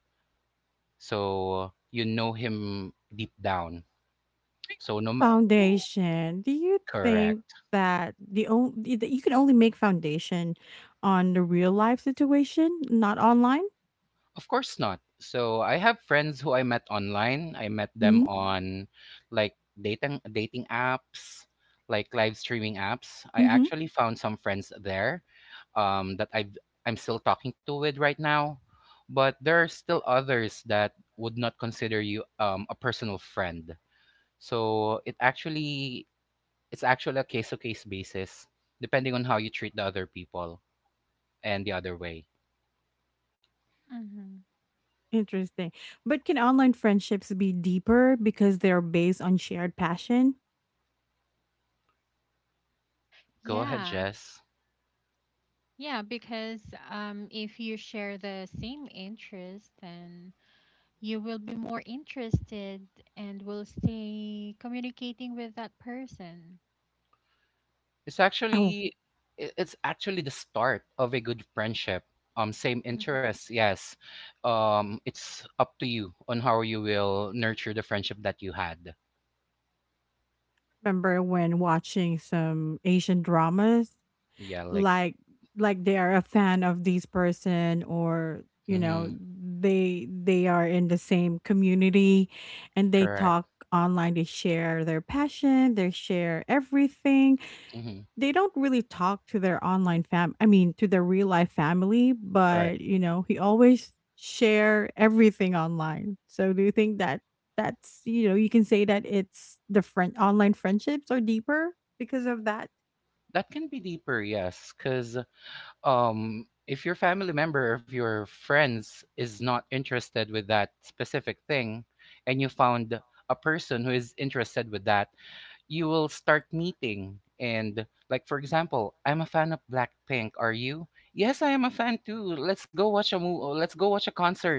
[SPEAKER 2] So you know him deep down. So no, ma-
[SPEAKER 1] Foundation. Do you think
[SPEAKER 2] Correct.
[SPEAKER 1] that you can only make foundation on the real life situation, not online?
[SPEAKER 2] Of course not. So I have friends who I met online. I met them
[SPEAKER 1] Hmm.
[SPEAKER 2] on like dating apps, like live streaming apps. I
[SPEAKER 1] Hmm.
[SPEAKER 2] actually found some friends there that I'm still talking to with right now. But there are still others that would not consider you a personal friend. So it actually it's actually a case to case basis, depending on how you treat the other people and the other way.
[SPEAKER 3] Hmm
[SPEAKER 1] Interesting. But can online friendships be deeper because they're based on shared passion?
[SPEAKER 2] Go ahead,
[SPEAKER 3] Yeah,
[SPEAKER 2] Jess.
[SPEAKER 3] yeah, because, if you share the same interest, then you will be more interested and will stay communicating with that person.
[SPEAKER 2] It's
[SPEAKER 1] Oh,
[SPEAKER 2] actually it's actually the start of a good friendship. Same
[SPEAKER 3] Hmm
[SPEAKER 2] interests, yes. It's up to you on how you will nurture the friendship that you had.
[SPEAKER 1] remember when watching some Asian dramas,
[SPEAKER 2] Yeah, like
[SPEAKER 1] like they are a fan of this person, or
[SPEAKER 2] mm-hmm,
[SPEAKER 1] they are in the same community, and they
[SPEAKER 2] correct,
[SPEAKER 1] talk online. They share their passion. They share everything.
[SPEAKER 2] mm-hmm,
[SPEAKER 1] They don't really talk to their online fam I mean, to their real life family,
[SPEAKER 2] correct.
[SPEAKER 1] but, he always share everything online. So do you think that that's, you can say that it's the friend online friendships are deeper because of that?
[SPEAKER 2] That can be deeper, yes, because if your family member, if your friends is not interested with that specific thing, and you found a person who is interested with that, you will start meeting and, like, for example, I'm a fan of Blackpink. Are you? Yes, I am a fan too. Let's go watch a movie, let's go watch a concert.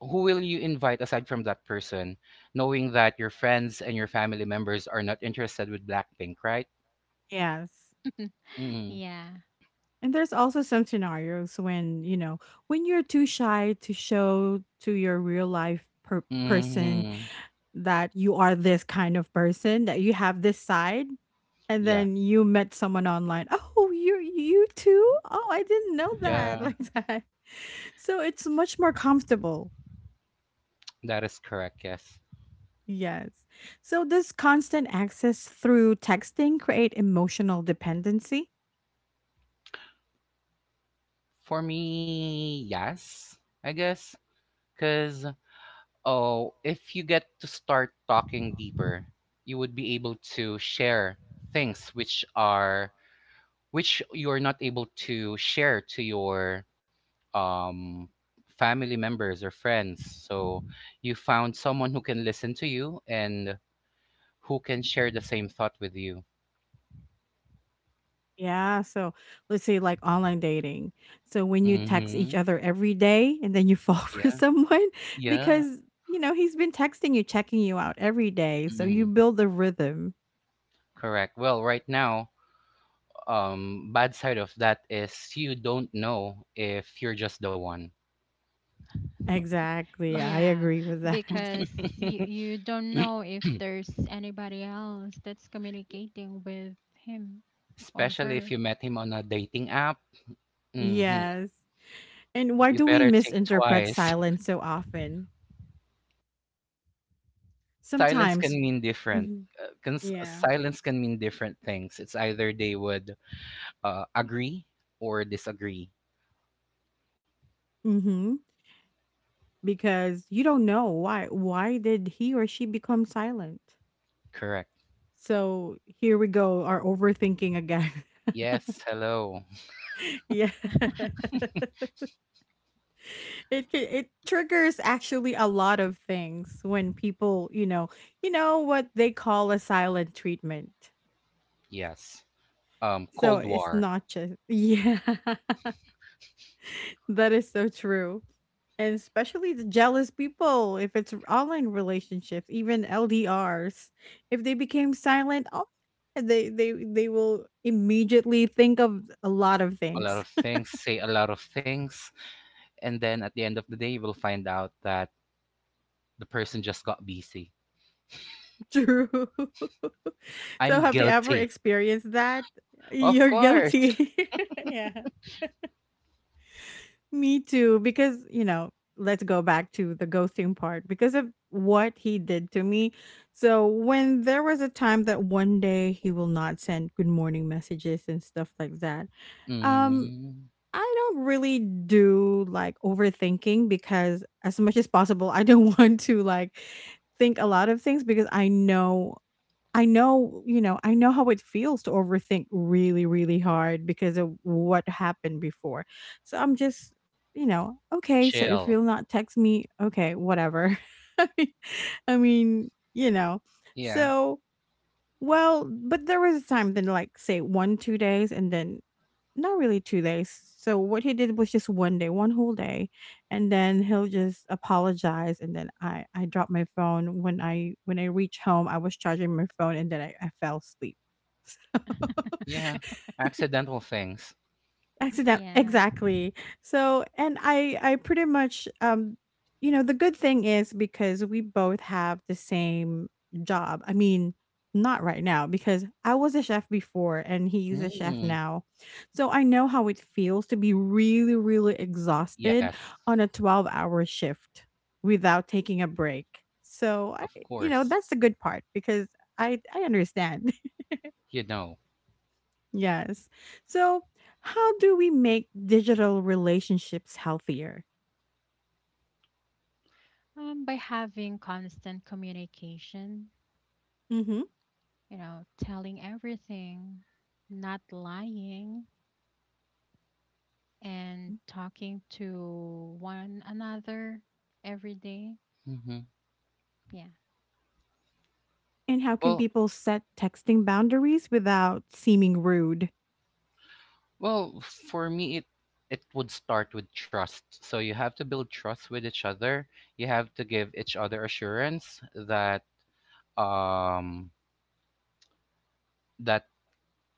[SPEAKER 2] Who will you invite aside from that person, knowing that your friends and your family members are not interested with Blackpink, right?
[SPEAKER 1] Yes.
[SPEAKER 2] Mm.
[SPEAKER 3] Yeah.
[SPEAKER 1] And there's also some scenarios when, you're too shy to show to your person
[SPEAKER 2] Mm-hmm.
[SPEAKER 1] that you are this kind of person, that you have this side, and
[SPEAKER 2] Yeah,
[SPEAKER 1] then you met someone online. Oh, you too? Oh, I didn't know that.
[SPEAKER 2] yeah,
[SPEAKER 1] Like that. So it's much more comfortable.
[SPEAKER 2] that is correct, yes.
[SPEAKER 1] Yes. So does constant access through texting create emotional dependency?
[SPEAKER 2] For me, yes, I guess, because Oh, if you get to start talking deeper, you would be able to share things which are which you're not able to share to your um family members or friends. So you found someone who can listen to you and who can share the same thought with you.
[SPEAKER 1] Yeah, so let's say like online dating. So when you text each
[SPEAKER 2] Mhm.
[SPEAKER 1] other every day and then you fall for
[SPEAKER 2] Yeah.
[SPEAKER 1] someone,
[SPEAKER 2] Yeah.
[SPEAKER 1] because he's been texting you, checking you out every day. So you
[SPEAKER 2] Mhm.
[SPEAKER 1] build a rhythm.
[SPEAKER 2] Correct. Well, right now, bad side of that is you don't know if you're just the one.
[SPEAKER 1] Exactly. I
[SPEAKER 3] Yeah,
[SPEAKER 1] agree with that.
[SPEAKER 3] because you don't know if there's anybody else that's communicating with him or
[SPEAKER 2] Especially if
[SPEAKER 3] her.
[SPEAKER 2] you met him on a dating app. Mhm.
[SPEAKER 1] Yes. And
[SPEAKER 2] You
[SPEAKER 1] why do
[SPEAKER 2] better
[SPEAKER 1] we
[SPEAKER 2] think
[SPEAKER 1] misinterpret
[SPEAKER 2] twice.
[SPEAKER 1] silence so often?
[SPEAKER 2] Cause silence
[SPEAKER 1] Sometimes.
[SPEAKER 2] can mean different,
[SPEAKER 1] Mhm.
[SPEAKER 2] 'Cause
[SPEAKER 1] Yeah.
[SPEAKER 2] silence can mean different things. It's either they would, agree or disagree.
[SPEAKER 1] Mhm. Because you don't know why did he or she become silent?
[SPEAKER 2] Correct.
[SPEAKER 1] So here we go, our overthinking again.
[SPEAKER 2] Yes, hello.
[SPEAKER 1] Yeah. It can, it triggers actually a lot of things when people, you know what they call a silent treatment.
[SPEAKER 2] Yes.
[SPEAKER 1] So
[SPEAKER 2] Cold
[SPEAKER 1] it's
[SPEAKER 2] War.
[SPEAKER 1] not just, yeah, that is so true. And especially the jealous people, if it's online relationships, even LDRs, if they became silent, oh, yeah, they will immediately think of a lot of
[SPEAKER 2] A lot
[SPEAKER 1] things.
[SPEAKER 2] of things, say a lot of things, and then at the end of the day, you will find out that the person just got busy.
[SPEAKER 1] True. So
[SPEAKER 2] I'm
[SPEAKER 1] have you ever
[SPEAKER 2] guilty.
[SPEAKER 1] experienced that?
[SPEAKER 2] Of
[SPEAKER 1] You're
[SPEAKER 2] course.
[SPEAKER 1] guilty. Yeah. Me too, because, let's go back to the ghosting part because of what he did to me. So, when there was a time that one day he will not send good morning messages and stuff like that, um,
[SPEAKER 2] Mm,
[SPEAKER 1] I don't really do like overthinking because, as much as possible, I don't want to like think a lot of things because I know how it feels to overthink really, really hard because of what happened before. So I'm just, okay, so if
[SPEAKER 2] Chill.
[SPEAKER 1] you'll not text me, okay, whatever. I mean, I mean.
[SPEAKER 2] Yeah.
[SPEAKER 1] So, well, but there was a time then like say 1 2 days, and then not really 2 days. So what he did was just 1 day, 1 whole day, and then he'll just apologize, and then I dropped my phone when I reach home, I was charging my phone, and then I fell asleep. So
[SPEAKER 2] Yeah, accidental things.
[SPEAKER 1] accident,
[SPEAKER 3] Yeah.
[SPEAKER 1] exactly. So, and I pretty much, the good thing is because we both have the same job. I mean, not right now, because I was a chef before and he's a chef
[SPEAKER 2] Mm,
[SPEAKER 1] now. So, I know how it feels to be really really exhausted
[SPEAKER 2] yes,
[SPEAKER 1] on a 12-hour shift without taking a break. So,
[SPEAKER 2] of course.
[SPEAKER 1] that's the good part because I understand.
[SPEAKER 2] You know.
[SPEAKER 1] Yes. So, how do we make digital relationships healthier?
[SPEAKER 3] By having constant communication,
[SPEAKER 1] Mm-hmm.
[SPEAKER 3] telling everything, not lying, and talking to one another every day.
[SPEAKER 2] hmm
[SPEAKER 3] Yeah.
[SPEAKER 1] And how can
[SPEAKER 2] Well,
[SPEAKER 1] people set texting boundaries without seeming rude?
[SPEAKER 2] well, for me, it would start with trust. So you have to build trust with each other. You have to give each other assurance that um that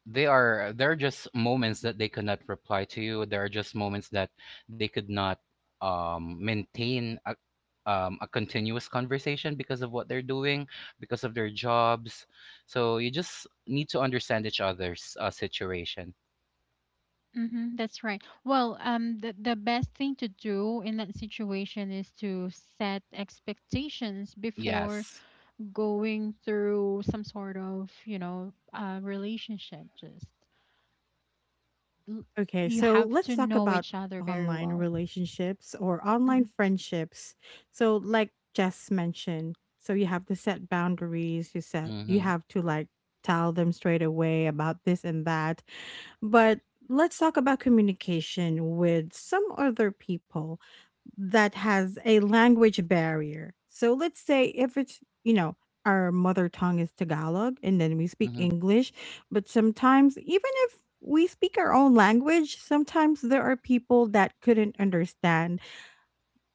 [SPEAKER 2] they are there are just moments that they could not reply to you, there are just moments that they could not maintain a continuous conversation because of what they're doing, because of their jobs. So you just need to understand each other's situation.
[SPEAKER 3] Mm-hmm, that's right. Well, the best thing to do in that situation is to set expectations before
[SPEAKER 2] Yes,
[SPEAKER 3] going through some sort of, relationship. Just, l-
[SPEAKER 1] Okay,
[SPEAKER 3] you
[SPEAKER 1] so
[SPEAKER 3] have to
[SPEAKER 1] let's talk
[SPEAKER 3] know
[SPEAKER 1] about
[SPEAKER 3] each other very
[SPEAKER 1] online
[SPEAKER 3] well.
[SPEAKER 1] relationships or
[SPEAKER 3] Hmm
[SPEAKER 1] online friendships. So like Jess mentioned, so you have to set boundaries. You
[SPEAKER 2] mm-hmm,
[SPEAKER 1] have to like tell them straight away about this and that. But let's talk about communication with some other people that has a language barrier. So let's say if it's, our mother tongue is Tagalog and then we speak
[SPEAKER 2] mm-hmm,
[SPEAKER 1] English, but sometimes even if we speak our own language, sometimes there are people that couldn't understand,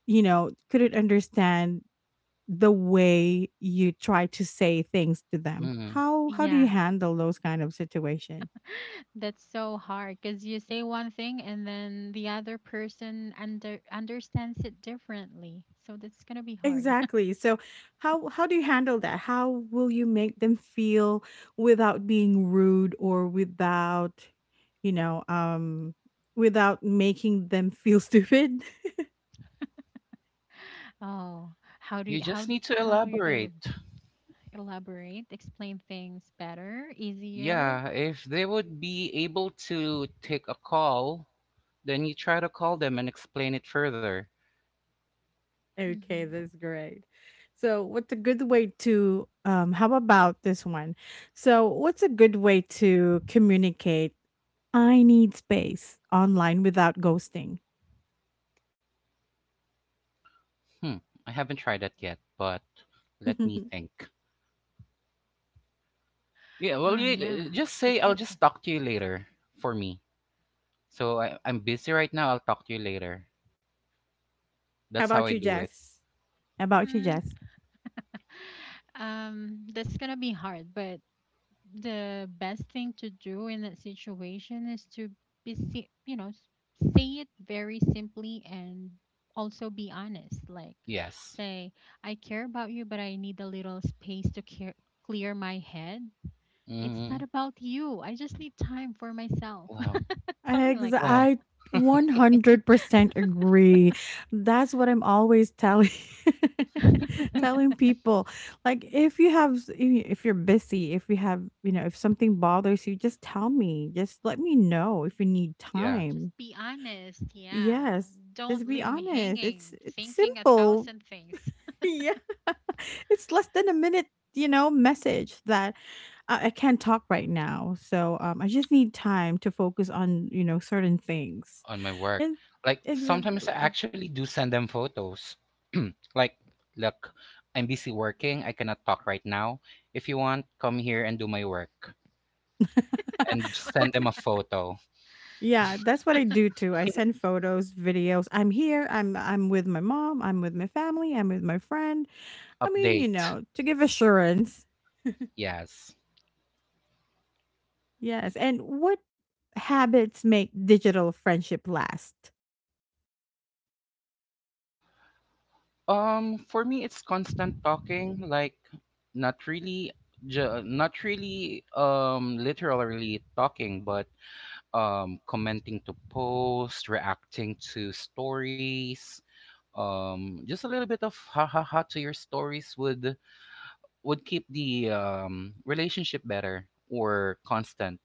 [SPEAKER 1] you know, couldn't understand the way you try to say things to them.
[SPEAKER 2] mm-hmm.
[SPEAKER 1] How do you
[SPEAKER 3] Yeah,
[SPEAKER 1] handle those kind of situation?
[SPEAKER 3] that's so hard because you say one thing and then the other person understands it differently. So that's gonna be hard.
[SPEAKER 1] Exactly. So how do you handle that? How will you make them feel without being rude, or without, you know, without making them feel stupid?
[SPEAKER 3] Oh, how do
[SPEAKER 2] You
[SPEAKER 3] you, how
[SPEAKER 2] just
[SPEAKER 3] d-
[SPEAKER 2] need to
[SPEAKER 3] how are you gonna go?
[SPEAKER 2] elaborate.
[SPEAKER 3] Elaborate, explain things better, easier.
[SPEAKER 2] Yeah, if they would be able to take a call, then you try to call them and explain it further.
[SPEAKER 1] Okay,
[SPEAKER 3] Mhm.
[SPEAKER 1] that's great. So, what's a good way to how about this one? So, what's a good way to communicate I need space online without ghosting?
[SPEAKER 2] Hmm, I haven't tried that yet, but let me think. Yeah, well,
[SPEAKER 3] Ah,
[SPEAKER 2] you,
[SPEAKER 3] yeah.
[SPEAKER 2] just
[SPEAKER 3] Good
[SPEAKER 2] say I'll
[SPEAKER 3] question.
[SPEAKER 2] just talk to you later for me. So I'm busy right now. I'll talk to you later.
[SPEAKER 1] How
[SPEAKER 2] That's how I
[SPEAKER 1] about you,
[SPEAKER 2] do it.
[SPEAKER 1] Jess? How about you,
[SPEAKER 3] Hmm.
[SPEAKER 1] Jess?
[SPEAKER 3] That's gonna be hard, but the best thing to do in that situation is to be, say it very simply and also be honest. Like,
[SPEAKER 2] Yes.
[SPEAKER 3] say, I care about you, but I need a little space to clear my head. It's not
[SPEAKER 2] hmm
[SPEAKER 3] about you. I just need time for myself.
[SPEAKER 2] Wow.
[SPEAKER 3] Something
[SPEAKER 1] Ex
[SPEAKER 3] like that.
[SPEAKER 2] Wow.
[SPEAKER 1] I 100% agree. That's what I'm always telling telling people. Like if you have if you're busy, if you have, you know, if something bothers you, just tell me. Just let me know if you need
[SPEAKER 2] Yeah.
[SPEAKER 3] Just
[SPEAKER 1] time.
[SPEAKER 3] be honest. Yeah.
[SPEAKER 1] Yes.
[SPEAKER 3] Don't
[SPEAKER 1] Just be
[SPEAKER 3] leave me
[SPEAKER 1] honest. It's
[SPEAKER 3] hanging,
[SPEAKER 1] it's
[SPEAKER 3] thinking a
[SPEAKER 1] simple.
[SPEAKER 3] thousand things.
[SPEAKER 1] Yeah. It's less than a minute, message that I can't talk right now. So I just need time to focus on, certain things,
[SPEAKER 2] On my work.
[SPEAKER 1] and
[SPEAKER 2] Like sometimes I
[SPEAKER 1] exactly.
[SPEAKER 2] actually do send them photos. Like, look, I'm busy working. I cannot talk right now. If you want, come here and do my work and
[SPEAKER 1] Well,
[SPEAKER 2] send them a photo
[SPEAKER 1] yeah, that's what I do too. I send photos, videos. I'm here. I'm with my mom. I'm with my family. I'm with my friend. I mean,
[SPEAKER 2] update.
[SPEAKER 1] to give assurance.
[SPEAKER 2] Yes.
[SPEAKER 1] Yes. And what habits make digital friendship last?
[SPEAKER 2] For me, it's constant talking, like not really, not really, literally talking, but commenting to posts, reacting to stories. Just a little bit of ha ha ha to your stories would keep the relationship better or constant.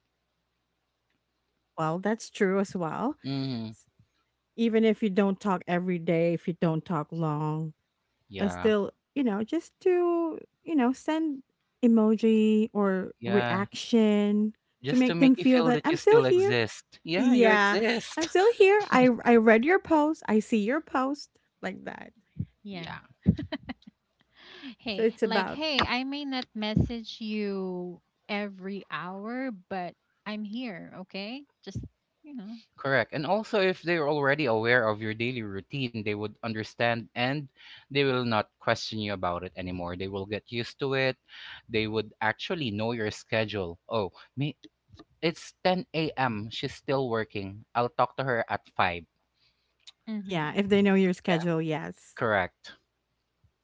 [SPEAKER 1] Well, that's true as well.
[SPEAKER 2] Mm,
[SPEAKER 1] S- Even if you don't talk every day, if you don't talk long,
[SPEAKER 2] yeah,
[SPEAKER 1] still, just to, send emoji or
[SPEAKER 2] yeah.
[SPEAKER 1] reaction to
[SPEAKER 2] Just to
[SPEAKER 1] make
[SPEAKER 2] make
[SPEAKER 1] them
[SPEAKER 2] you
[SPEAKER 1] feel
[SPEAKER 2] feel
[SPEAKER 1] that
[SPEAKER 2] that you
[SPEAKER 1] I'm still
[SPEAKER 2] still
[SPEAKER 1] here.
[SPEAKER 2] exist. Yeah, you
[SPEAKER 1] Yeah, I'm
[SPEAKER 2] exist.
[SPEAKER 1] still here. I read your post. I see your post, like that.
[SPEAKER 3] Yeah.
[SPEAKER 2] Yeah.
[SPEAKER 1] So
[SPEAKER 3] Hey,
[SPEAKER 1] it's
[SPEAKER 3] like,
[SPEAKER 1] about,
[SPEAKER 3] hey, I may not message you every hour, but I'm here, okay? Just, you know.
[SPEAKER 2] Correct. And also, if they're already aware of your daily routine, they would understand and they will not question you about it anymore. They will get used to it. They would actually know your schedule. Oh, me, it's 10 a.m. She's still working. I'll talk to her at 5.
[SPEAKER 1] yeah, if
[SPEAKER 3] Mm-hmm.
[SPEAKER 1] they know your
[SPEAKER 2] Yeah.
[SPEAKER 1] schedule, yes.
[SPEAKER 2] Correct.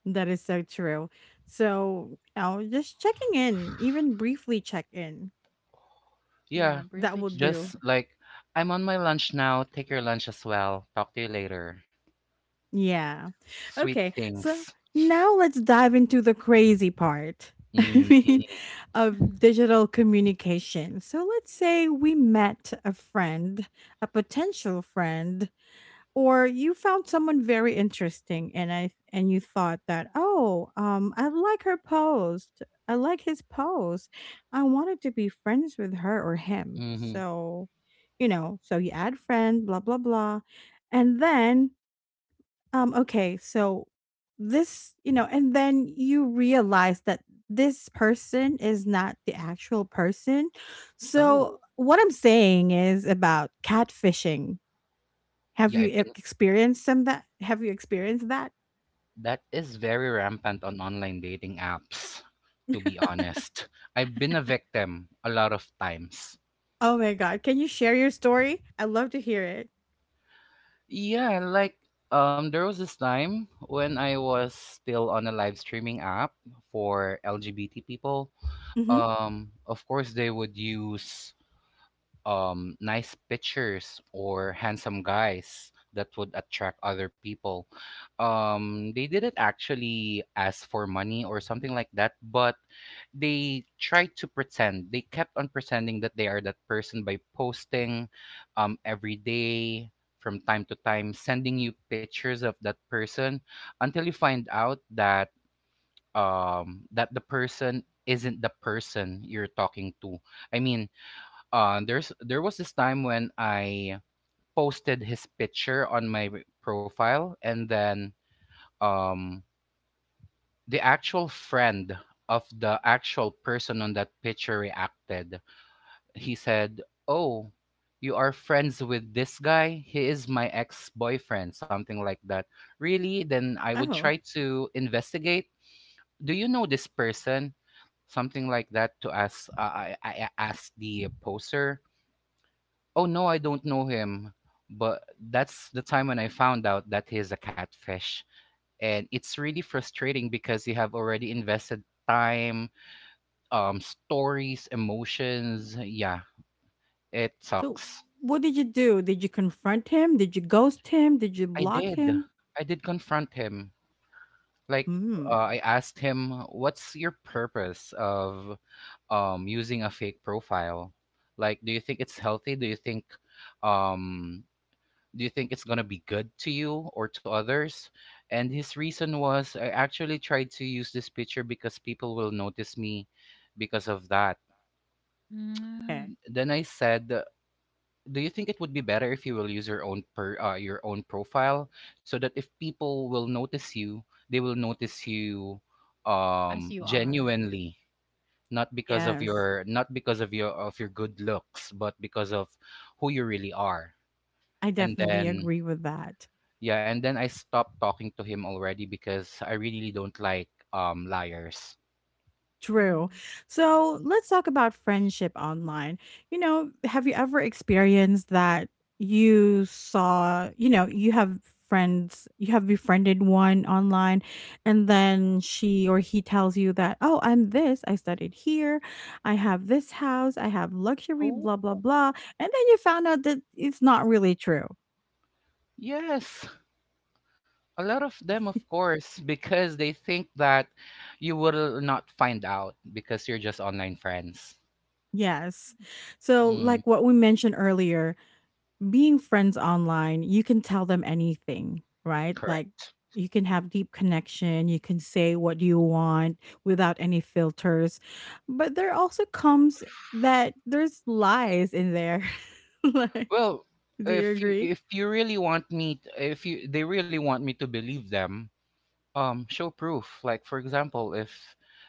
[SPEAKER 1] That is so true. So, just checking in, even briefly check in,
[SPEAKER 3] Yeah,
[SPEAKER 2] Yeah.
[SPEAKER 1] that
[SPEAKER 3] briefly
[SPEAKER 1] will
[SPEAKER 3] check
[SPEAKER 2] Just
[SPEAKER 1] do.
[SPEAKER 2] like, I'm on my lunch now. Take your lunch as well. Talk to you later.
[SPEAKER 1] Yeah.
[SPEAKER 2] Sweet
[SPEAKER 1] Okay. So
[SPEAKER 2] things.
[SPEAKER 1] now let's dive into the crazy part. I mean,
[SPEAKER 2] hmm
[SPEAKER 3] in.
[SPEAKER 1] of digital communication. So let's say we met a friend, a potential friend, or you found someone very interesting, and you thought that, "Oh, I like her post. I like his post. I wanted to be friends with her or him."
[SPEAKER 2] hmm
[SPEAKER 1] So, so you add friend, blah blah blah. And then okay, so and then you realize that this person is not the actual person. So
[SPEAKER 2] Oh,
[SPEAKER 1] what I'm saying is about catfishing. Have
[SPEAKER 2] yeah.
[SPEAKER 1] you
[SPEAKER 2] I've
[SPEAKER 1] e-
[SPEAKER 2] been
[SPEAKER 1] experienced some that? Have you experienced that?
[SPEAKER 2] That is very rampant on online dating apps, to be honest. I've been a victim a lot of times.
[SPEAKER 1] Oh my god, can you share your story? I'd love to hear it.
[SPEAKER 2] Yeah, like there was this time when I was still on a live streaming app for LGBT people.
[SPEAKER 1] Mm-hmm.
[SPEAKER 2] Of course they would use nice pictures or handsome guys that would attract other people. They didn't actually ask for money or something like that, but they tried to pretend. They kept on pretending that they are that person by posting every day, from time to time, sending you pictures of that person until you find out that that the person isn't the person you're talking to. I mean, there was this time when I posted his picture on my profile, and then um, the actual friend of the actual person on that picture reacted. He said, "Oh, you are friends with this guy? He is my ex-boyfriend," something like that. "Really? Then I would try
[SPEAKER 1] Oh,
[SPEAKER 2] to investigate. Do you know this person?" Something like that to ask. I asked the poster, "Oh no, I don't know him." But that's the time when I found out that he's a catfish. And it's really frustrating because you have already invested time, stories, emotions. Yeah, it
[SPEAKER 1] so
[SPEAKER 2] sucks.
[SPEAKER 1] what did you do? Did you confront him? Did you ghost him? Did you
[SPEAKER 2] I
[SPEAKER 1] block
[SPEAKER 2] did.
[SPEAKER 1] him?
[SPEAKER 2] I did confront him. Like,
[SPEAKER 1] Hmm.
[SPEAKER 2] I asked him, what's your purpose of using a fake profile? Like, do you think it's healthy? Um, do you think it's going to be good to you or to others? And his reason was, I actually tried to use this picture because people will notice me because of that.
[SPEAKER 1] Okay.
[SPEAKER 3] mm,
[SPEAKER 2] Then I said, do you think it would be better if you will use your own your own profile so that if people will notice you, they will notice you
[SPEAKER 3] as you are.
[SPEAKER 2] genuinely, not because of
[SPEAKER 1] Yes,
[SPEAKER 2] your not because of your good looks, but because of who you really are.
[SPEAKER 1] I
[SPEAKER 2] And
[SPEAKER 1] definitely
[SPEAKER 2] then
[SPEAKER 1] agree with that.
[SPEAKER 2] Yeah, and then I stopped talking to him already because I really really don't like liars.
[SPEAKER 1] True.
[SPEAKER 3] Mm.
[SPEAKER 1] So let's talk about friendship online. Have you ever experienced that you saw, you have friends, you have befriended one online, and then she or he tells you that, "Oh, I'm this, I studied here, I have this house, I have luxury,
[SPEAKER 2] Oh,
[SPEAKER 1] blah, blah, blah." And then you found out that it's not really true.
[SPEAKER 2] yes, a lot of them, of course, because they think that you will not find out because you're just online friends.
[SPEAKER 1] Yes. So,
[SPEAKER 2] Mm,
[SPEAKER 1] like what we mentioned earlier, being friends online, you can tell them anything, right? Like
[SPEAKER 2] correct.
[SPEAKER 1] you can have deep connection, you can say what you want without any filters. But there also comes that there's lies in there. like,
[SPEAKER 2] Well,
[SPEAKER 1] do you agree?
[SPEAKER 2] if you really want me, if you they really want me to believe them, show proof. Like, for example, if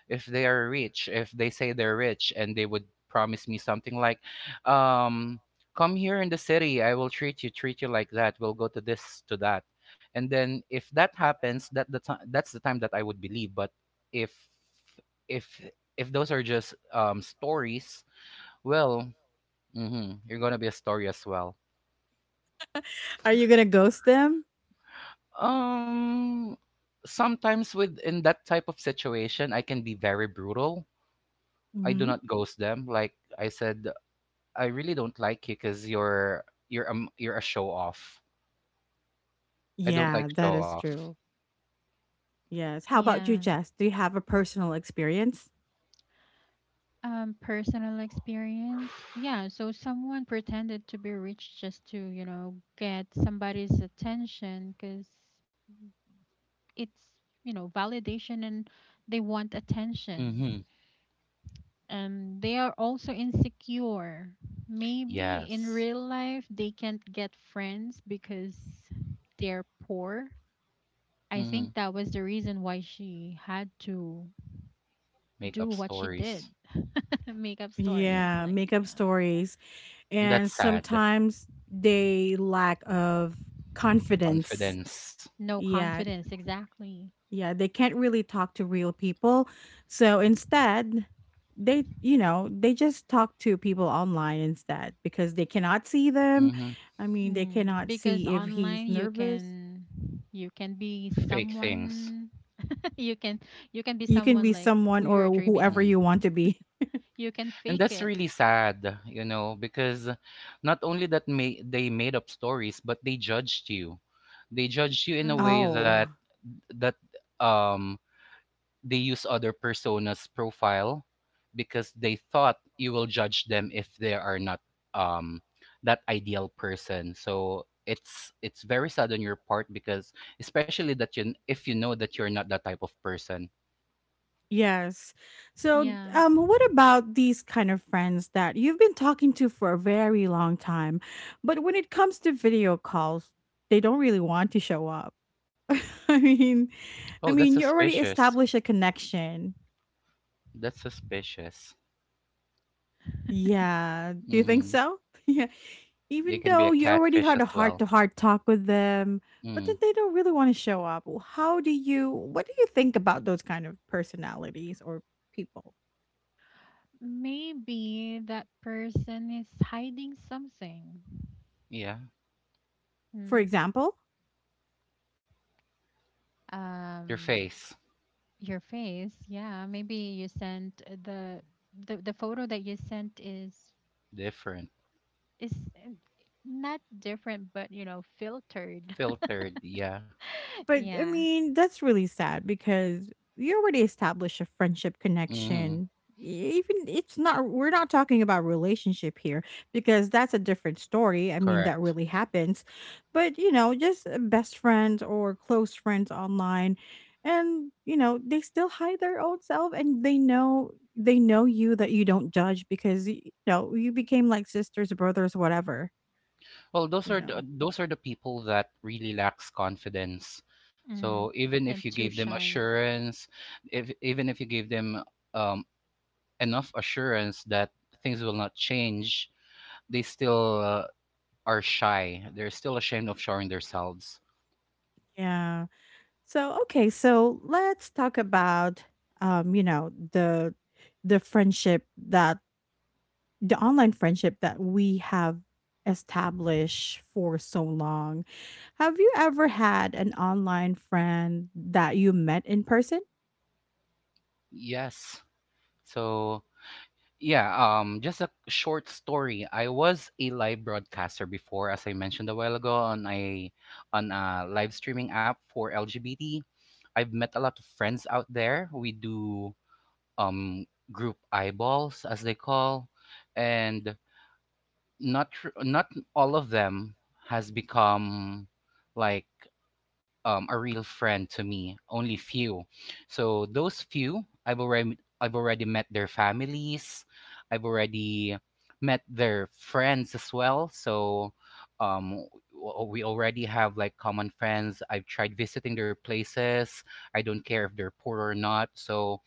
[SPEAKER 2] they are rich, if they say they're rich and they would promise me something like um come here in the city, I will treat you treat you, like that we'll go to this to that, and then if that happens, that the time, that's the time that I would believe. But if if those are just stories, well, mhm, you're gonna be a story as well.
[SPEAKER 1] Are you going to ghost them?
[SPEAKER 2] um Sometimes with in that type of situation, I can be very brutal. I do
[SPEAKER 1] Hmm
[SPEAKER 2] not ghost them. Like I said, I really don't like you because you're a show off. I don't
[SPEAKER 1] Yeah,
[SPEAKER 2] like
[SPEAKER 1] that
[SPEAKER 2] show
[SPEAKER 1] is
[SPEAKER 2] off.
[SPEAKER 1] true. Yes. How about you,
[SPEAKER 3] Yeah.
[SPEAKER 1] Jess? Do you have a personal experience?
[SPEAKER 3] Personal experience. Yeah, so someone pretended to be rich just to, get somebody's attention because it's, validation and they want
[SPEAKER 2] Mm-hmm.
[SPEAKER 3] attention. And they are also insecure. Maybe in
[SPEAKER 2] Yes.
[SPEAKER 3] real life they can't get friends because they're poor. I
[SPEAKER 2] Mm-hmm.
[SPEAKER 3] think that was the reason why she had to
[SPEAKER 2] Make
[SPEAKER 3] do
[SPEAKER 2] up
[SPEAKER 3] what she did.
[SPEAKER 2] stories.
[SPEAKER 3] Make up
[SPEAKER 2] Yeah,
[SPEAKER 3] stories,
[SPEAKER 1] Yeah,
[SPEAKER 3] like,
[SPEAKER 1] makeup
[SPEAKER 3] yeah.
[SPEAKER 1] stories.
[SPEAKER 2] and that's
[SPEAKER 1] And
[SPEAKER 2] sad.
[SPEAKER 1] sometimes they lack of confidence.
[SPEAKER 2] Confidence.
[SPEAKER 3] No
[SPEAKER 1] Yeah,
[SPEAKER 3] confidence, exactly.
[SPEAKER 1] yeah, they can't really talk to real people. So instead, they, you know, they just talk to people online instead because they cannot see them.
[SPEAKER 2] Mm-hmm.
[SPEAKER 1] I mean, they
[SPEAKER 3] Mm.
[SPEAKER 1] cannot
[SPEAKER 3] Because
[SPEAKER 1] see if he's
[SPEAKER 3] online you
[SPEAKER 1] nervous.
[SPEAKER 3] can, you can be
[SPEAKER 2] Fake things.
[SPEAKER 3] someone. you can you can be
[SPEAKER 1] You can
[SPEAKER 3] someone
[SPEAKER 1] be
[SPEAKER 3] like who
[SPEAKER 1] someone
[SPEAKER 3] you're
[SPEAKER 1] or
[SPEAKER 3] dreaming
[SPEAKER 1] whoever
[SPEAKER 3] of.
[SPEAKER 2] Mm.
[SPEAKER 1] you want to be.
[SPEAKER 3] You can
[SPEAKER 2] And
[SPEAKER 3] fake
[SPEAKER 2] that's
[SPEAKER 3] it.
[SPEAKER 2] really sad, you know, because not only that ma- they made up stories, but they judged you. They judged you in a way
[SPEAKER 3] Mm-hmm.
[SPEAKER 2] that
[SPEAKER 1] Oh,
[SPEAKER 2] that um they use other personas profile because they thought you will judge them if they are not um that ideal person. So it's very sad on your part because especially that you, if you know that you're not that type of person
[SPEAKER 1] yes. So,
[SPEAKER 3] Yeah,
[SPEAKER 1] what about these kind of friends that you've been talking to for a very long time, but when it comes to video calls, they don't really want to show up? I mean,
[SPEAKER 2] Oh,
[SPEAKER 1] I
[SPEAKER 2] that's
[SPEAKER 1] mean, you already
[SPEAKER 2] suspicious,
[SPEAKER 1] established a connection.
[SPEAKER 2] that's suspicious.
[SPEAKER 1] Yeah. Do you think
[SPEAKER 2] Hmm,
[SPEAKER 1] so? Yeah.
[SPEAKER 2] they
[SPEAKER 1] Even
[SPEAKER 2] can be a
[SPEAKER 1] though you already
[SPEAKER 2] catfish
[SPEAKER 1] had
[SPEAKER 2] as
[SPEAKER 1] a heart
[SPEAKER 2] well.
[SPEAKER 1] to heart talk with them, but then
[SPEAKER 2] Mm,
[SPEAKER 1] they don't really want to show up. Well, how do you, what do you think about those kind of personalities or people?
[SPEAKER 3] maybe that person is hiding something.
[SPEAKER 2] yeah,
[SPEAKER 1] For
[SPEAKER 3] Mm.
[SPEAKER 1] example,
[SPEAKER 2] their
[SPEAKER 3] um
[SPEAKER 2] face
[SPEAKER 3] your face, yeah, maybe you sent, the, the photo that you sent is
[SPEAKER 2] different,
[SPEAKER 3] is not different but, filtered.
[SPEAKER 2] filtered, yeah.
[SPEAKER 1] but I
[SPEAKER 3] Yeah.
[SPEAKER 1] mean, that's really sad because you already established a friendship
[SPEAKER 2] Hmm,
[SPEAKER 1] connection. E- Even it's not we're not talking about relationship here because that's a different story. I mean, that
[SPEAKER 2] correct.
[SPEAKER 1] really happens. But, you know, just best friends or close friends online and, you know, they still hide their old self and they know you that you don't judge because you know, you became like sisters, brothers, whatever,
[SPEAKER 2] Well, those
[SPEAKER 1] you
[SPEAKER 2] are
[SPEAKER 1] know.
[SPEAKER 2] those are the people that really lacks confidence.
[SPEAKER 3] Mm-hmm.
[SPEAKER 2] So even if you
[SPEAKER 3] And too
[SPEAKER 2] gave them
[SPEAKER 3] shy.
[SPEAKER 2] assurance, if even if you gave them um, enough assurance that things will not change, they still are shy. They're still ashamed of showing themselves.
[SPEAKER 1] Yeah. So, okay, so let's talk about you know, the friendship that the online friendship that we have established for so long. Have you ever had an online friend that you met in person?
[SPEAKER 2] Yes. So yeah, just a short story. I was a live broadcaster before, as I mentioned a while ago, on a live streaming app for LGBT. I've met a lot of friends out there. We do um group eyeballs as they call, and not all of them has become like a real friend to me. Only few. So those few, I've already met their families. I've already met their friends as well. So um, we already have like common friends. I've tried visiting their places. I don't care if they're poor or not. So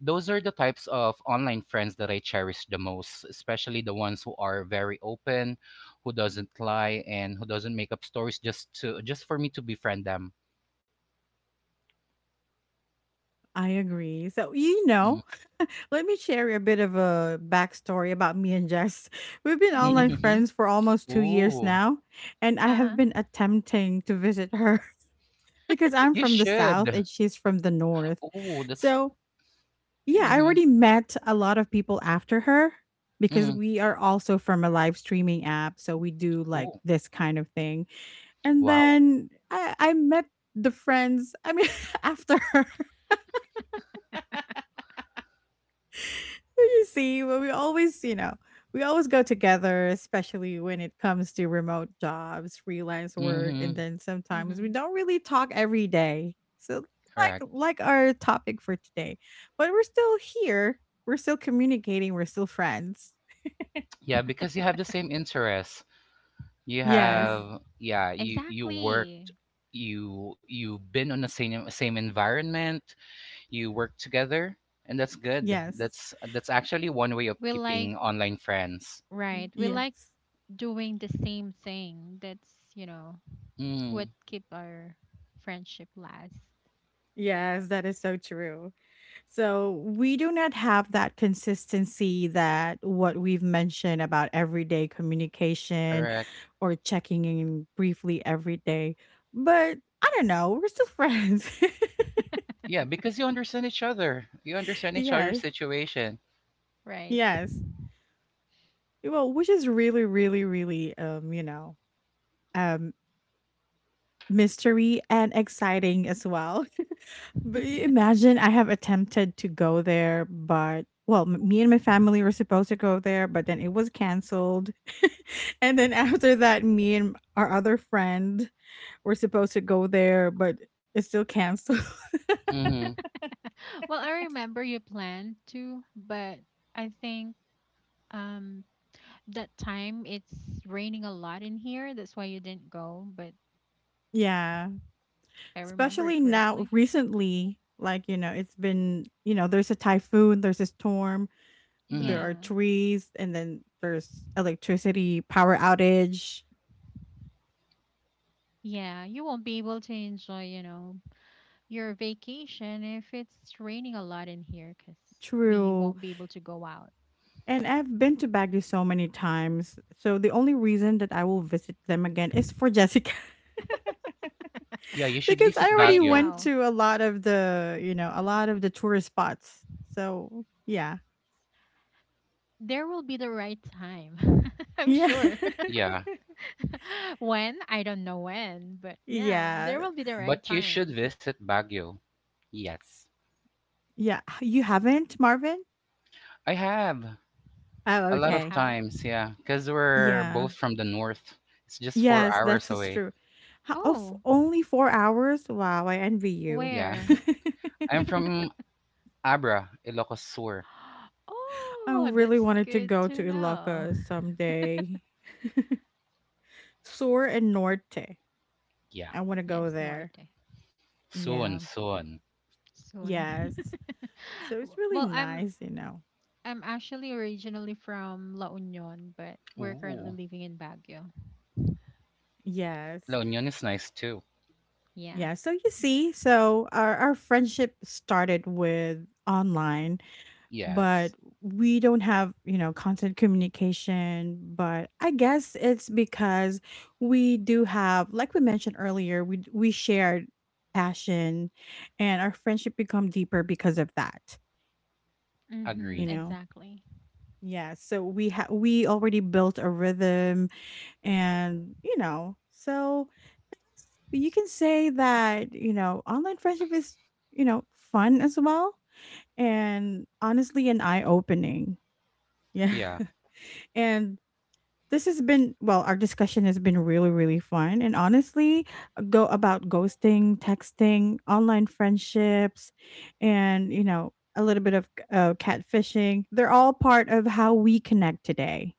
[SPEAKER 2] those are the types of online friends that I cherish the most, especially the ones who are very open, who doesn't lie, and who doesn't make up stories just to just for me to befriend them.
[SPEAKER 1] I agree. So, you
[SPEAKER 2] Mm,
[SPEAKER 1] know, let me share a bit of a backstory about me and Jess. We've been online
[SPEAKER 3] Mm-hmm.
[SPEAKER 2] mhm.
[SPEAKER 1] friends for almost 2 years
[SPEAKER 2] Ooh,
[SPEAKER 1] now, and I have
[SPEAKER 3] Uh-huh.
[SPEAKER 1] been attempting to visit her because I'm
[SPEAKER 2] you
[SPEAKER 1] from the South
[SPEAKER 2] should.
[SPEAKER 1] and she's from the North.
[SPEAKER 2] Oh, that's
[SPEAKER 1] So, yeah, I
[SPEAKER 2] mhm,
[SPEAKER 1] already met a lot of people after her because
[SPEAKER 2] mhm.
[SPEAKER 1] we are also from a live streaming app. So, we do like
[SPEAKER 2] Oh,
[SPEAKER 1] this kind of thing. And
[SPEAKER 2] wow.
[SPEAKER 1] then I met the friends, I mean, after her. You see, well, we always, you know, we always go together, especially when it comes to remote jobs, freelance work, and
[SPEAKER 2] Mhm,
[SPEAKER 1] then sometimes we
[SPEAKER 3] Mm-hmm.
[SPEAKER 1] don't really talk every day. So, like,
[SPEAKER 2] correct.
[SPEAKER 1] like our topic for today, but we're still here. We're still communicating. We're still friends.
[SPEAKER 2] Yeah, because you have the same interests. You
[SPEAKER 3] Yeah.
[SPEAKER 1] Yes,
[SPEAKER 2] have, yeah, you
[SPEAKER 3] Exactly.
[SPEAKER 2] worked, you've been on the same environment. You work together, and that's good.
[SPEAKER 1] yes,
[SPEAKER 2] That's actually one way of
[SPEAKER 3] We like
[SPEAKER 2] keeping online friends.
[SPEAKER 1] mm,
[SPEAKER 3] Right. We like
[SPEAKER 1] yes,
[SPEAKER 3] doing the same thing. That's, what
[SPEAKER 2] Mm,
[SPEAKER 3] keep our friendship last.
[SPEAKER 1] yes. That is so true. So we do not have that consistency that what we've mentioned about everyday communication
[SPEAKER 2] correct.
[SPEAKER 1] or checking in briefly every day. But I don't know, we're still friends.
[SPEAKER 2] Yeah, because you understand each other. You understand each other's
[SPEAKER 1] yes.
[SPEAKER 2] situation.
[SPEAKER 3] Right.
[SPEAKER 1] Yes. Well, which is really, really, really you know, um mystery and exciting as well. But imagine I have attempted to go there, but well, me and my family were supposed to go there, but then it was canceled. And then after that, me and our other friend were supposed to go there, but it's still canceled.
[SPEAKER 2] Mhm,
[SPEAKER 3] Well, I remember you planned to, but I think, um that time it's raining a lot in here. That's why you didn't go, but if
[SPEAKER 1] yeah.
[SPEAKER 3] I remember it
[SPEAKER 1] Especially now,
[SPEAKER 3] correctly.
[SPEAKER 1] recently, like, you know, it's been, you know, there's a typhoon, there's a storm, there
[SPEAKER 2] mhm.
[SPEAKER 1] are
[SPEAKER 3] Yeah.
[SPEAKER 1] trees, and then there's electricity power outage.
[SPEAKER 3] Yeah, you won't be able to enjoy, your vacation if it's raining a lot in here because we
[SPEAKER 1] True.
[SPEAKER 3] won't be able to go out.
[SPEAKER 1] And I've been to Baguio so many times. So the only reason that I will visit them again is for Jessica.
[SPEAKER 2] Yeah, you should
[SPEAKER 1] Because I
[SPEAKER 2] visit
[SPEAKER 3] I
[SPEAKER 1] already
[SPEAKER 2] Baguio.
[SPEAKER 1] went
[SPEAKER 3] know.
[SPEAKER 1] to a lot of the, you know, a lot of the tourist spots. So, yeah.
[SPEAKER 3] There will be the right time. I'm
[SPEAKER 1] Yeah.
[SPEAKER 3] sure.
[SPEAKER 2] Yeah,
[SPEAKER 3] When? I don't know when, but yeah, there
[SPEAKER 1] yeah.
[SPEAKER 3] will be the right
[SPEAKER 2] but you should
[SPEAKER 3] time.
[SPEAKER 2] visit Baguio. Yes.
[SPEAKER 1] Yeah. You haven't, Marvin?
[SPEAKER 2] I have
[SPEAKER 1] Oh,
[SPEAKER 2] a
[SPEAKER 3] You
[SPEAKER 2] lot of
[SPEAKER 1] okay.
[SPEAKER 3] have?
[SPEAKER 2] times, yeah, because we're
[SPEAKER 1] Yeah.
[SPEAKER 2] both from the north. It's just four
[SPEAKER 1] Yes,
[SPEAKER 2] hours
[SPEAKER 1] that is
[SPEAKER 2] away.
[SPEAKER 1] true. Ho of
[SPEAKER 3] Oh,
[SPEAKER 1] only 4 hours? Wow, I envy you.
[SPEAKER 2] Yeah.
[SPEAKER 3] where?
[SPEAKER 2] I'm from Abra, Ilocos Sur.
[SPEAKER 1] I
[SPEAKER 3] Oh,
[SPEAKER 1] really
[SPEAKER 3] that's
[SPEAKER 1] wanted to
[SPEAKER 3] good
[SPEAKER 1] go to
[SPEAKER 3] to know.
[SPEAKER 1] Ilocos someday. Sur and Norte.
[SPEAKER 2] Yeah.
[SPEAKER 1] I wanna go
[SPEAKER 3] Yes,
[SPEAKER 1] there.
[SPEAKER 3] Norte.
[SPEAKER 2] Soon,
[SPEAKER 1] Yeah.
[SPEAKER 2] soon.
[SPEAKER 3] Soon.
[SPEAKER 1] Yes. So it's really
[SPEAKER 3] Well, I'm
[SPEAKER 1] nice, you know.
[SPEAKER 3] I'm actually originally from La Union, but we're currently
[SPEAKER 2] Ooh.
[SPEAKER 3] living in Baguio.
[SPEAKER 1] Yes.
[SPEAKER 2] La Union is nice too.
[SPEAKER 3] Yeah.
[SPEAKER 1] Yeah, so you see, so our friendship started with online. But
[SPEAKER 2] Yes.
[SPEAKER 1] we don't have, you know, constant communication, but I guess it's because we do have, like we mentioned earlier, we shared passion, and our friendship become deeper because of that,
[SPEAKER 3] Mm-hmm,
[SPEAKER 1] you
[SPEAKER 2] Agree.
[SPEAKER 1] know.
[SPEAKER 3] exactly.
[SPEAKER 1] Yeah. So we already built a rhythm, and, you know, so you can say that, you know, online friendship is, you know, fun as well, and honestly an eye opening. Yeah.
[SPEAKER 2] Yeah,
[SPEAKER 1] And this has been, well, our discussion has been really really fun, and honestly, go about ghosting, texting, online friendships, and, you know, a little bit of catfishing, they're all part of how we connect today.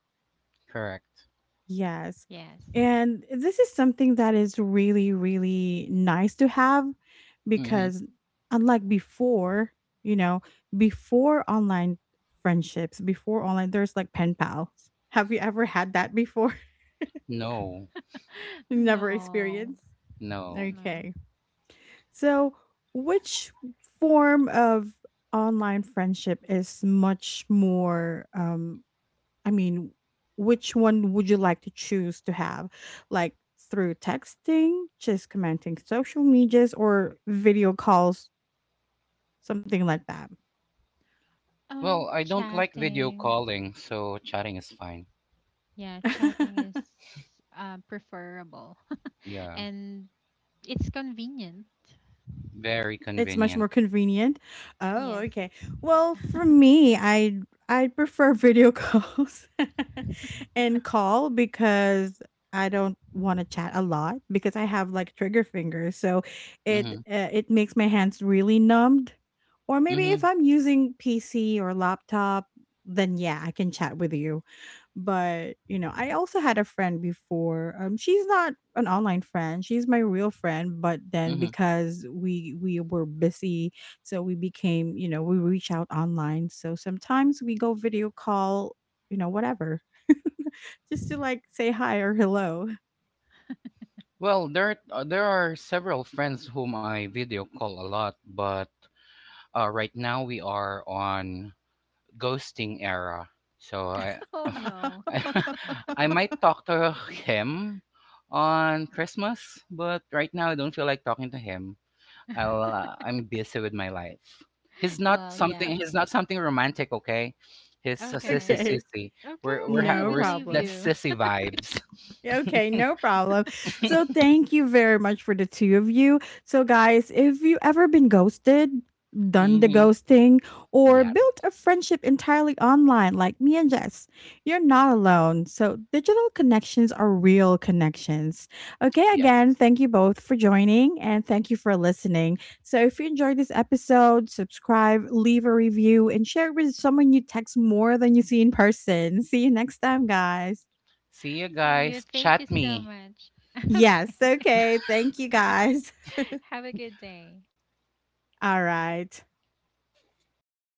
[SPEAKER 2] correct.
[SPEAKER 1] Yes.
[SPEAKER 3] Yes.
[SPEAKER 1] And this is something that is really really nice to have
[SPEAKER 2] Mm-hmm.
[SPEAKER 1] because unlike before, you know, before online friendships, before online there's like pen pals. Have you ever had that before?
[SPEAKER 2] No,
[SPEAKER 1] Never
[SPEAKER 3] No,
[SPEAKER 1] experienced?
[SPEAKER 2] no.
[SPEAKER 3] no.
[SPEAKER 1] Okay. So, which form of online friendship is much more, I mean, which one would you like to choose to have? Like through texting, just commenting social medias, or video calls, something like
[SPEAKER 2] Well, I don't like video
[SPEAKER 3] Chatting.
[SPEAKER 2] calling, so chatting is fine.
[SPEAKER 3] Yeah, chatting is
[SPEAKER 1] that?
[SPEAKER 3] preferable.
[SPEAKER 2] Yeah,
[SPEAKER 3] And it's convenient.
[SPEAKER 2] very
[SPEAKER 1] It's much
[SPEAKER 2] convenient.
[SPEAKER 1] more convenient. Oh,
[SPEAKER 3] Yes.
[SPEAKER 1] okay. Well, for me, I prefer video calls and call because I don't want to chat a lot because I have like trigger fingers, so
[SPEAKER 2] Mhm.
[SPEAKER 1] it makes my hands really numbed. Or maybe if
[SPEAKER 2] Mhm.
[SPEAKER 1] I'm using PC or laptop, then yeah, I can chat with you. But, you know, I also had a friend before. She's not an online friend. She's my real friend, but then
[SPEAKER 2] Mhm.
[SPEAKER 1] because we were busy, so we became, you know, we reach out online. So sometimes we go video call, you know, whatever. Just to like say hi or hello.
[SPEAKER 2] Well, there are several friends whom I video call a lot, but right now we are on ghosting era. So I
[SPEAKER 3] Oh no.
[SPEAKER 2] I, I might talk to him on Christmas, but right now I don't feel like talking to him. I'm busy with my life.
[SPEAKER 3] Well, yeah.
[SPEAKER 2] He's not something romantic. Okay, he's a sissy
[SPEAKER 3] Okay.
[SPEAKER 1] okay.
[SPEAKER 2] sissy.
[SPEAKER 3] Okay,
[SPEAKER 2] We're
[SPEAKER 3] okay. We
[SPEAKER 1] No
[SPEAKER 3] believe
[SPEAKER 1] problem.
[SPEAKER 2] that's
[SPEAKER 3] you.
[SPEAKER 2] sissy vibes.
[SPEAKER 1] Yeah, okay, no problem. So, thank you very much for the two of you. So, guys, if you ever been ghosted, done the
[SPEAKER 2] Mm-hmm.
[SPEAKER 1] ghosting, or
[SPEAKER 2] Yeah.
[SPEAKER 1] built a friendship entirely online, like me and Jess, you're not alone. So, digital connections are real connections. Okay, again,
[SPEAKER 2] Yes.
[SPEAKER 1] thank you both for joining and thank you for listening. So, if you enjoyed this episode, subscribe, leave a review, and share it with someone you text more than you see in person. See you next time, guys.
[SPEAKER 2] See you
[SPEAKER 3] See you.
[SPEAKER 2] guys.
[SPEAKER 3] Thank you
[SPEAKER 2] Chat
[SPEAKER 3] so
[SPEAKER 2] me.
[SPEAKER 3] much. Okay.
[SPEAKER 1] Yes. Okay. Thank you guys.
[SPEAKER 3] Have a good day.
[SPEAKER 1] All right.